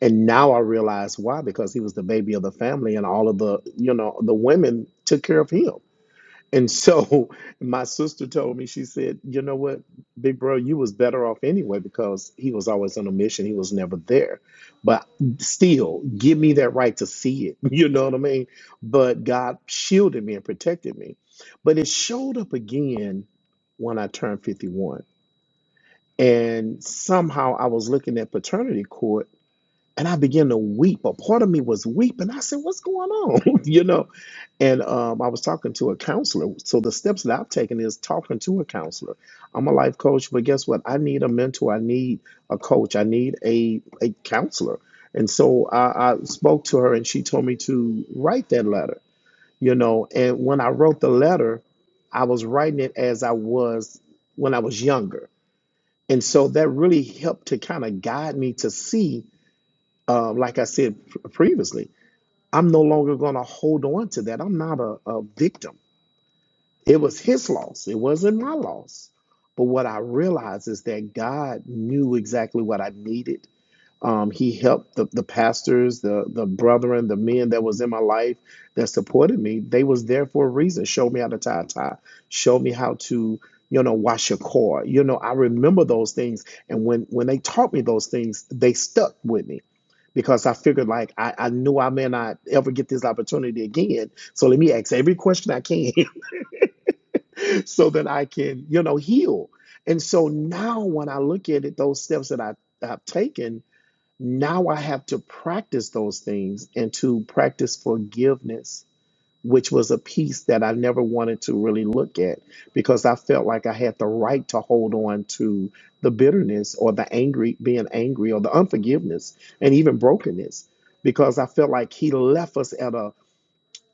Speaker 5: and now I realize why because he was the baby of the family, and all of the you know the women took care of him. And so my sister told me, she said, "You know what, big bro, you was better off anyway because he was always on a mission. He was never there. But still, give me that right to see it. You know what I mean? But God shielded me and protected me. But it showed up again when I turned 51, and somehow I was looking at paternity court." and I began to weep. A part of me was weeping. I said, "What's going on?" you know. And um, I was talking to a counselor. So the steps that I've taken is talking to a counselor. I'm a life coach, but guess what? I need a mentor. I need a coach. I need a a counselor. And so I, I spoke to her, and she told me to write that letter. You know, and when I wrote the letter, I was writing it as I was when I was younger. And so that really helped to kind of guide me to see um, like I said previously, I'm no longer going to hold on to that. I'm not a, a victim. It was his loss, it wasn't my loss. But what I realized is that God knew exactly what I needed. Um, he helped the, the pastors, the the brethren, the men that was in my life that supported me. They was there for a reason. Showed me how to tie a tie. Showed me how to, you know, wash your car. You know, I remember those things. And when when they taught me those things, they stuck with me because I figured like I, I knew I may not ever get this opportunity again. So let me ask every question I can so that I can, you know, heal. And so now when I look at it, those steps that I, I've taken, now I have to practice those things and to practice forgiveness which was a piece that I never wanted to really look at because I felt like I had the right to hold on to the bitterness or the angry, being angry or the unforgiveness and even brokenness because I felt like he left us at a,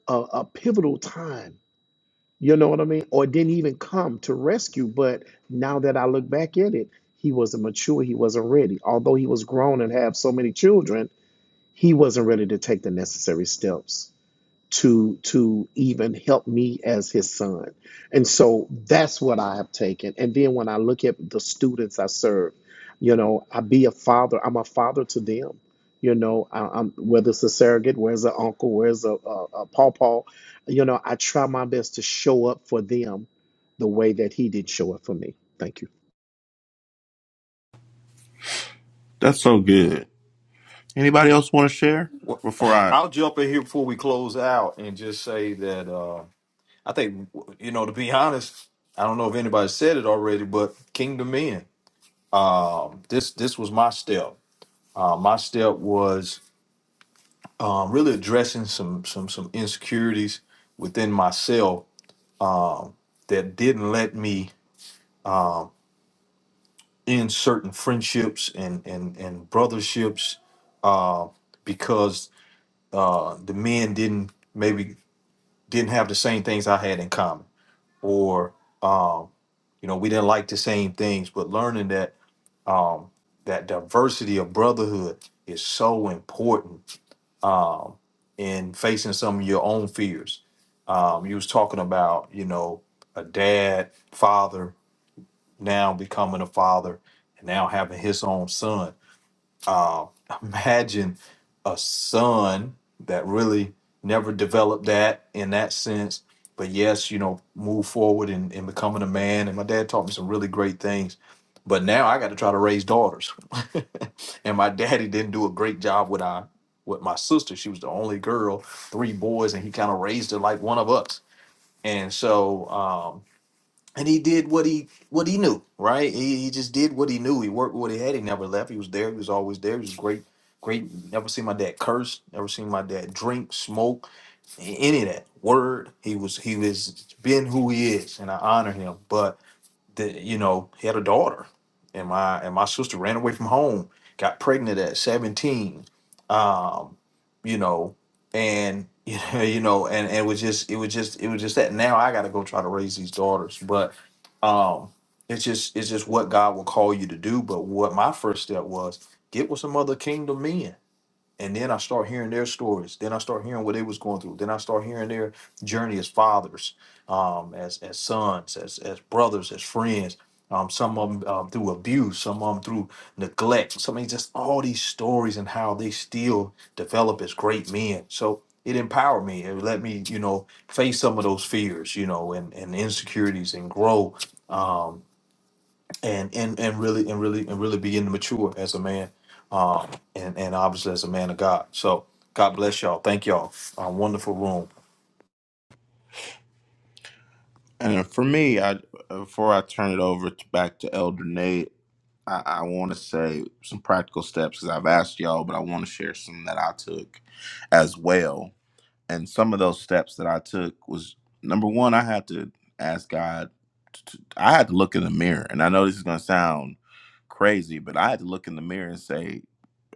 Speaker 5: a, a pivotal time. You know what I mean? Or didn't even come to rescue. But now that I look back at it, he wasn't mature. He wasn't ready. Although he was grown and have so many children, he wasn't ready to take the necessary steps to to even help me as his son and so that's what i have taken and then when i look at the students i serve you know i be a father i'm a father to them you know I, i'm whether it's a surrogate where's an uncle where's a, a, a pawpaw you know i try my best to show up for them the way that he did show up for me thank you
Speaker 3: that's so good. Anybody else want to share
Speaker 4: Well,
Speaker 3: before I?
Speaker 4: I'll jump in here before we close out and just say that uh, I think you know to be honest, I don't know if anybody said it already, but Kingdom Men. Um, this this was my step. Uh, my step was um, really addressing some some some insecurities within myself that didn't let me in certain friendships and and and brotherships uh, because uh, the men didn't maybe didn't have the same things I had in common, or um, you know we didn't like the same things. But learning that um, that diversity of brotherhood is so important um, in facing some of your own fears. Um, you was talking about you know a dad, father, now becoming a father, and now having his own son Uh, imagine a son that really never developed that in that sense. But yes, you know, move forward and, and becoming a man. And my dad taught me some really great things. But now I got to try to raise daughters. and my daddy didn't do a great job with our with my sister. She was the only girl, three boys, and he kind of raised her like one of us. And so um, and he did what he what he knew, right? He, he just did what he knew. He worked with what he had. He never left. He was there. He was always there. He was great, great. Never seen my dad curse. Never seen my dad drink, smoke, a- any of that. Word. He was he was been who he is, and I honor him. But that you know he had a daughter and my and my sister ran away from home got pregnant at 17 um you know and you know and, and it was just it was just it was just that now i gotta go try to raise these daughters but um it's just it's just what god will call you to do but what my first step was get with some other kingdom men and then I start hearing their stories. Then I start hearing what they was going through. Then I start hearing their journey as fathers, um, as as sons, as as brothers, as friends. Um, some of them um, through abuse, some of them through neglect. Some of these- just all these stories and how they still develop as great men. So it empowered me. It let me, you know, face some of those fears, you know, and, and insecurities, and grow and and and really and really and really begin to mature as a man um and and obviously as a man of god so god bless y'all thank y'all uh, wonderful room
Speaker 3: And for me, I before I turn it over to, back to Elder Nate, I, I want to say some practical steps because I've asked y'all, but I want to share some that I took as well. and some of those steps that I took was number one, I had to ask God. To, I had to look in the mirror, and I know this is going to sound crazy, but I had to look in the mirror and say,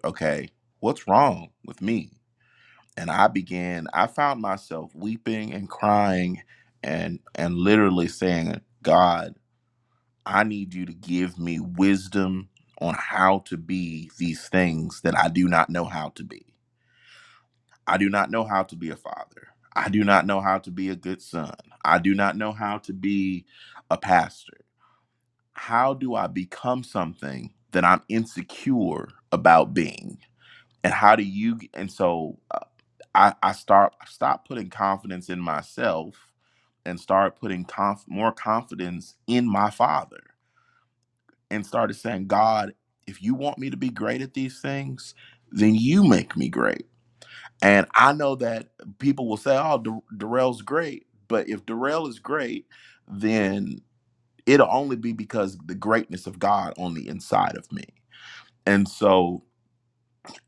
Speaker 3: "Okay, what's wrong with me?" And I began. I found myself weeping and crying, and and literally saying, "God, I need you to give me wisdom on how to be these things that I do not know how to be." I do not know how to be a father. I do not know how to be a good son. I do not know how to be a pastor. How do I become something that I'm insecure about being? And how do you? And so uh, I, I start stop putting confidence in myself and start putting conf, more confidence in my father and started saying, God, if you want me to be great at these things, then you make me great and I know that people will say, "Oh, Dar- Darrell's great," but if Darrell is great, then it'll only be because the greatness of God on the inside of me. And so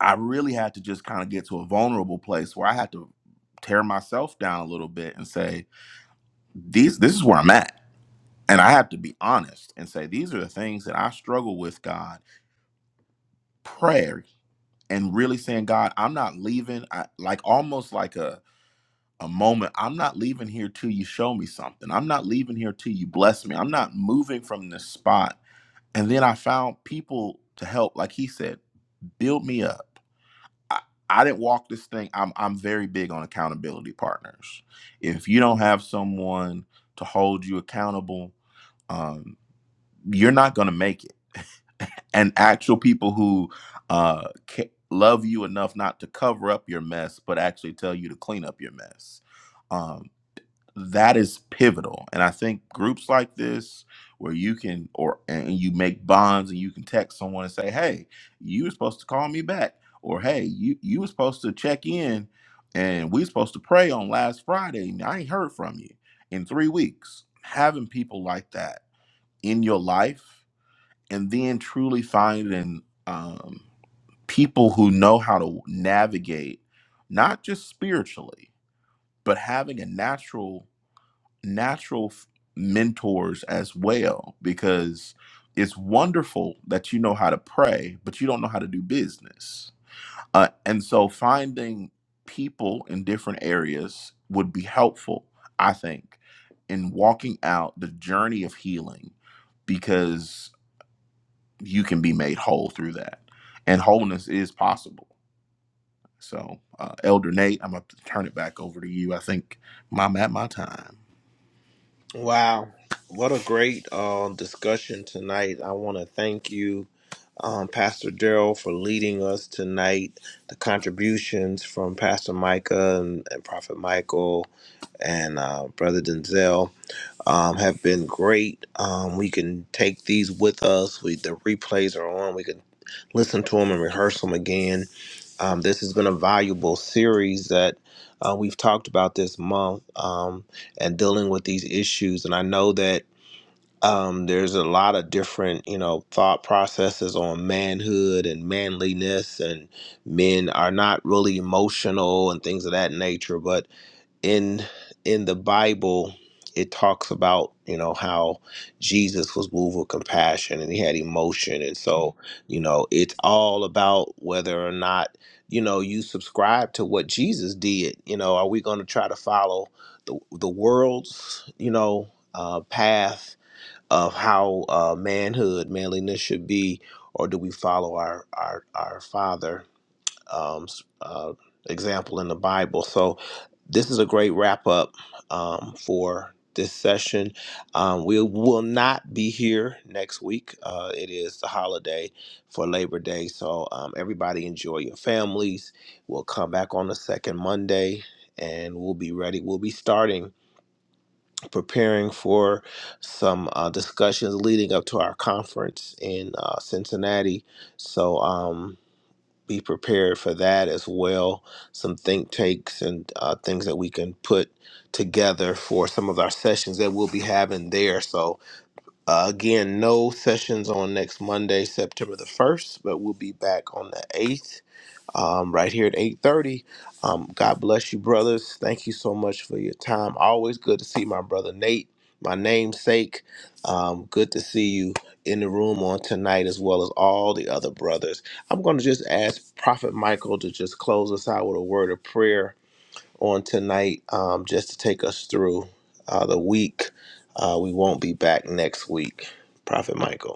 Speaker 3: I really had to just kind of get to a vulnerable place where I had to tear myself down a little bit and say, "These, this is where I'm at." And I have to be honest and say, "These are the things that I struggle with, God." Prayer and really saying, "God, I'm not leaving." I, like almost like a a moment. I'm not leaving here till you show me something. I'm not leaving here till you bless me. I'm not moving from this spot. And then I found people to help, like he said, build me up. I, I didn't walk this thing. I'm I'm very big on accountability partners. If you don't have someone to hold you accountable, um, you're not gonna make it. And actual people who uh, ca- love you enough not to cover up your mess, but actually tell you to clean up your mess Um, that is pivotal and i think groups like this where you can or and you make bonds and you can text someone and say hey you were supposed to call me back or hey you you were supposed to check in and we supposed to pray on last friday and i ain't heard from you in three weeks having people like that in your life and then truly finding um, people who know how to navigate not just spiritually but having a natural natural f- mentors as well because it's wonderful that you know how to pray, but you don't know how to do business. Uh, and so finding people in different areas would be helpful, I think, in walking out the journey of healing because you can be made whole through that. And wholeness is possible. So, uh, Elder Nate, I'm going to turn it back over to you. I think I'm at my time.
Speaker 1: Wow. What a great uh, discussion tonight. I want to thank you, um, Pastor Daryl, for leading us tonight. The contributions from Pastor Micah and, and Prophet Michael and uh, Brother Denzel um, have been great. Um, we can take these with us. We the replays are on. We can listen to them and rehearse them again. Um, this has been a valuable series that uh, we've talked about this month um, and dealing with these issues. And I know that um, there's a lot of different, you know, thought processes on manhood and manliness, and men are not really emotional and things of that nature. But in in the Bible, it talks about you know how Jesus was moved with compassion and he had emotion, and so you know it's all about whether or not you know you subscribe to what Jesus did. You know, are we going to try to follow the the world's you know uh, path of how uh, manhood, manliness should be, or do we follow our our our Father? um, uh, example in the Bible. So, this is a great wrap up um, for this session. Um, we will not be here next week. Uh, it is the holiday for Labor Day. So, um, everybody enjoy your families. We'll come back on the second Monday and we'll be ready. We'll be starting preparing for some uh, discussions leading up to our conference in uh, Cincinnati. So, um, be prepared for that as well. Some think takes and uh, things that we can put together for some of our sessions that we'll be having there. So, uh, again, no sessions on next Monday, September the 1st, but we'll be back on the 8th um, right here at 8.30 um, god bless you brothers thank you so much for your time always good to see my brother nate my namesake um, good to see you in the room on tonight as well as all the other brothers i'm going to just ask prophet michael to just close us out with a word of prayer on tonight um, just to take us through uh, the week uh, we won't be back next week prophet michael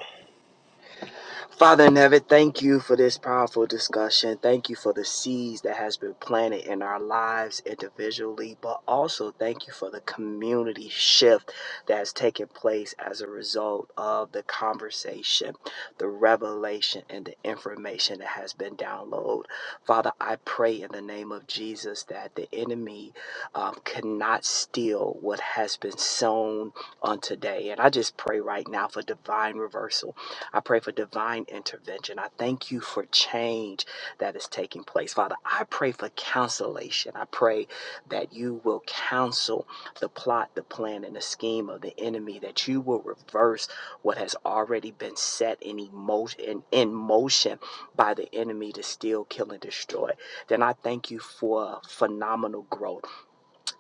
Speaker 2: Father in heaven, thank you for this powerful discussion. Thank you for the seeds that has been planted in our lives individually, but also thank you for the community shift that has taken place as a result of the conversation, the revelation, and the information that has been downloaded. Father, I pray in the name of Jesus that the enemy um, cannot steal what has been sown on today. And I just pray right now for divine reversal I pray for divine intervention. I thank you for change that is taking place. Father, I pray for cancellation. I pray that you will counsel the plot, the plan, and the scheme of the enemy, that you will reverse what has already been set in, emotion, in, in motion by the enemy to steal, kill, and destroy. Then I thank you for phenomenal growth.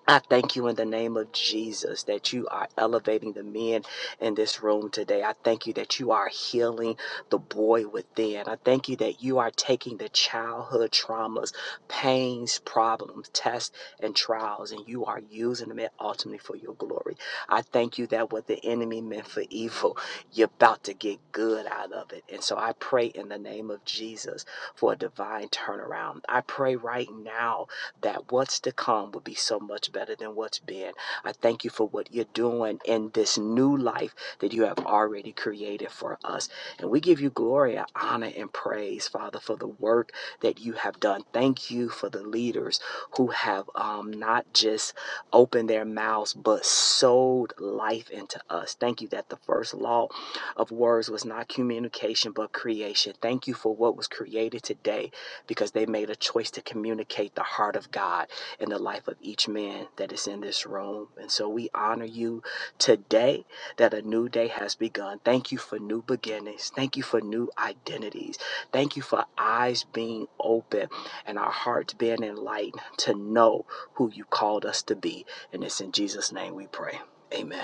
Speaker 2: I thank you in the name of Jesus that you are elevating the men in this room today. I thank you that you are healing the boy within. I thank you that you are taking the childhood traumas, pains, problems, tests, and trials, and you are using them ultimately for your glory. I thank you that what the enemy meant for evil, you're about to get good out of it. And so I pray in the name of Jesus for a divine turnaround. I pray right now that what's to come will be so much better than what's been. I thank you for what you're doing in this new life that you have already created for us. And we give you glory, and honor, and praise, Father, for the work that you have done. Thank you for the leaders who have um, not just opened their mouths, but sowed life into us. Thank you that the first law of words was not communication, but creation. Thank you for what was created today because they made a choice to communicate the heart of God in the life of each man that is in this room. And so we honor you today that a new day has begun. Thank you for new beginnings. Thank you for new identities. Thank you for eyes being open and our hearts being enlightened to know who you called us to be. And it's in Jesus' name we pray. Amen.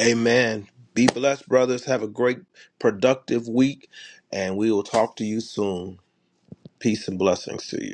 Speaker 1: Amen. Be blessed, brothers. Have a great, productive week, and we will talk to you soon. Peace and blessings to you.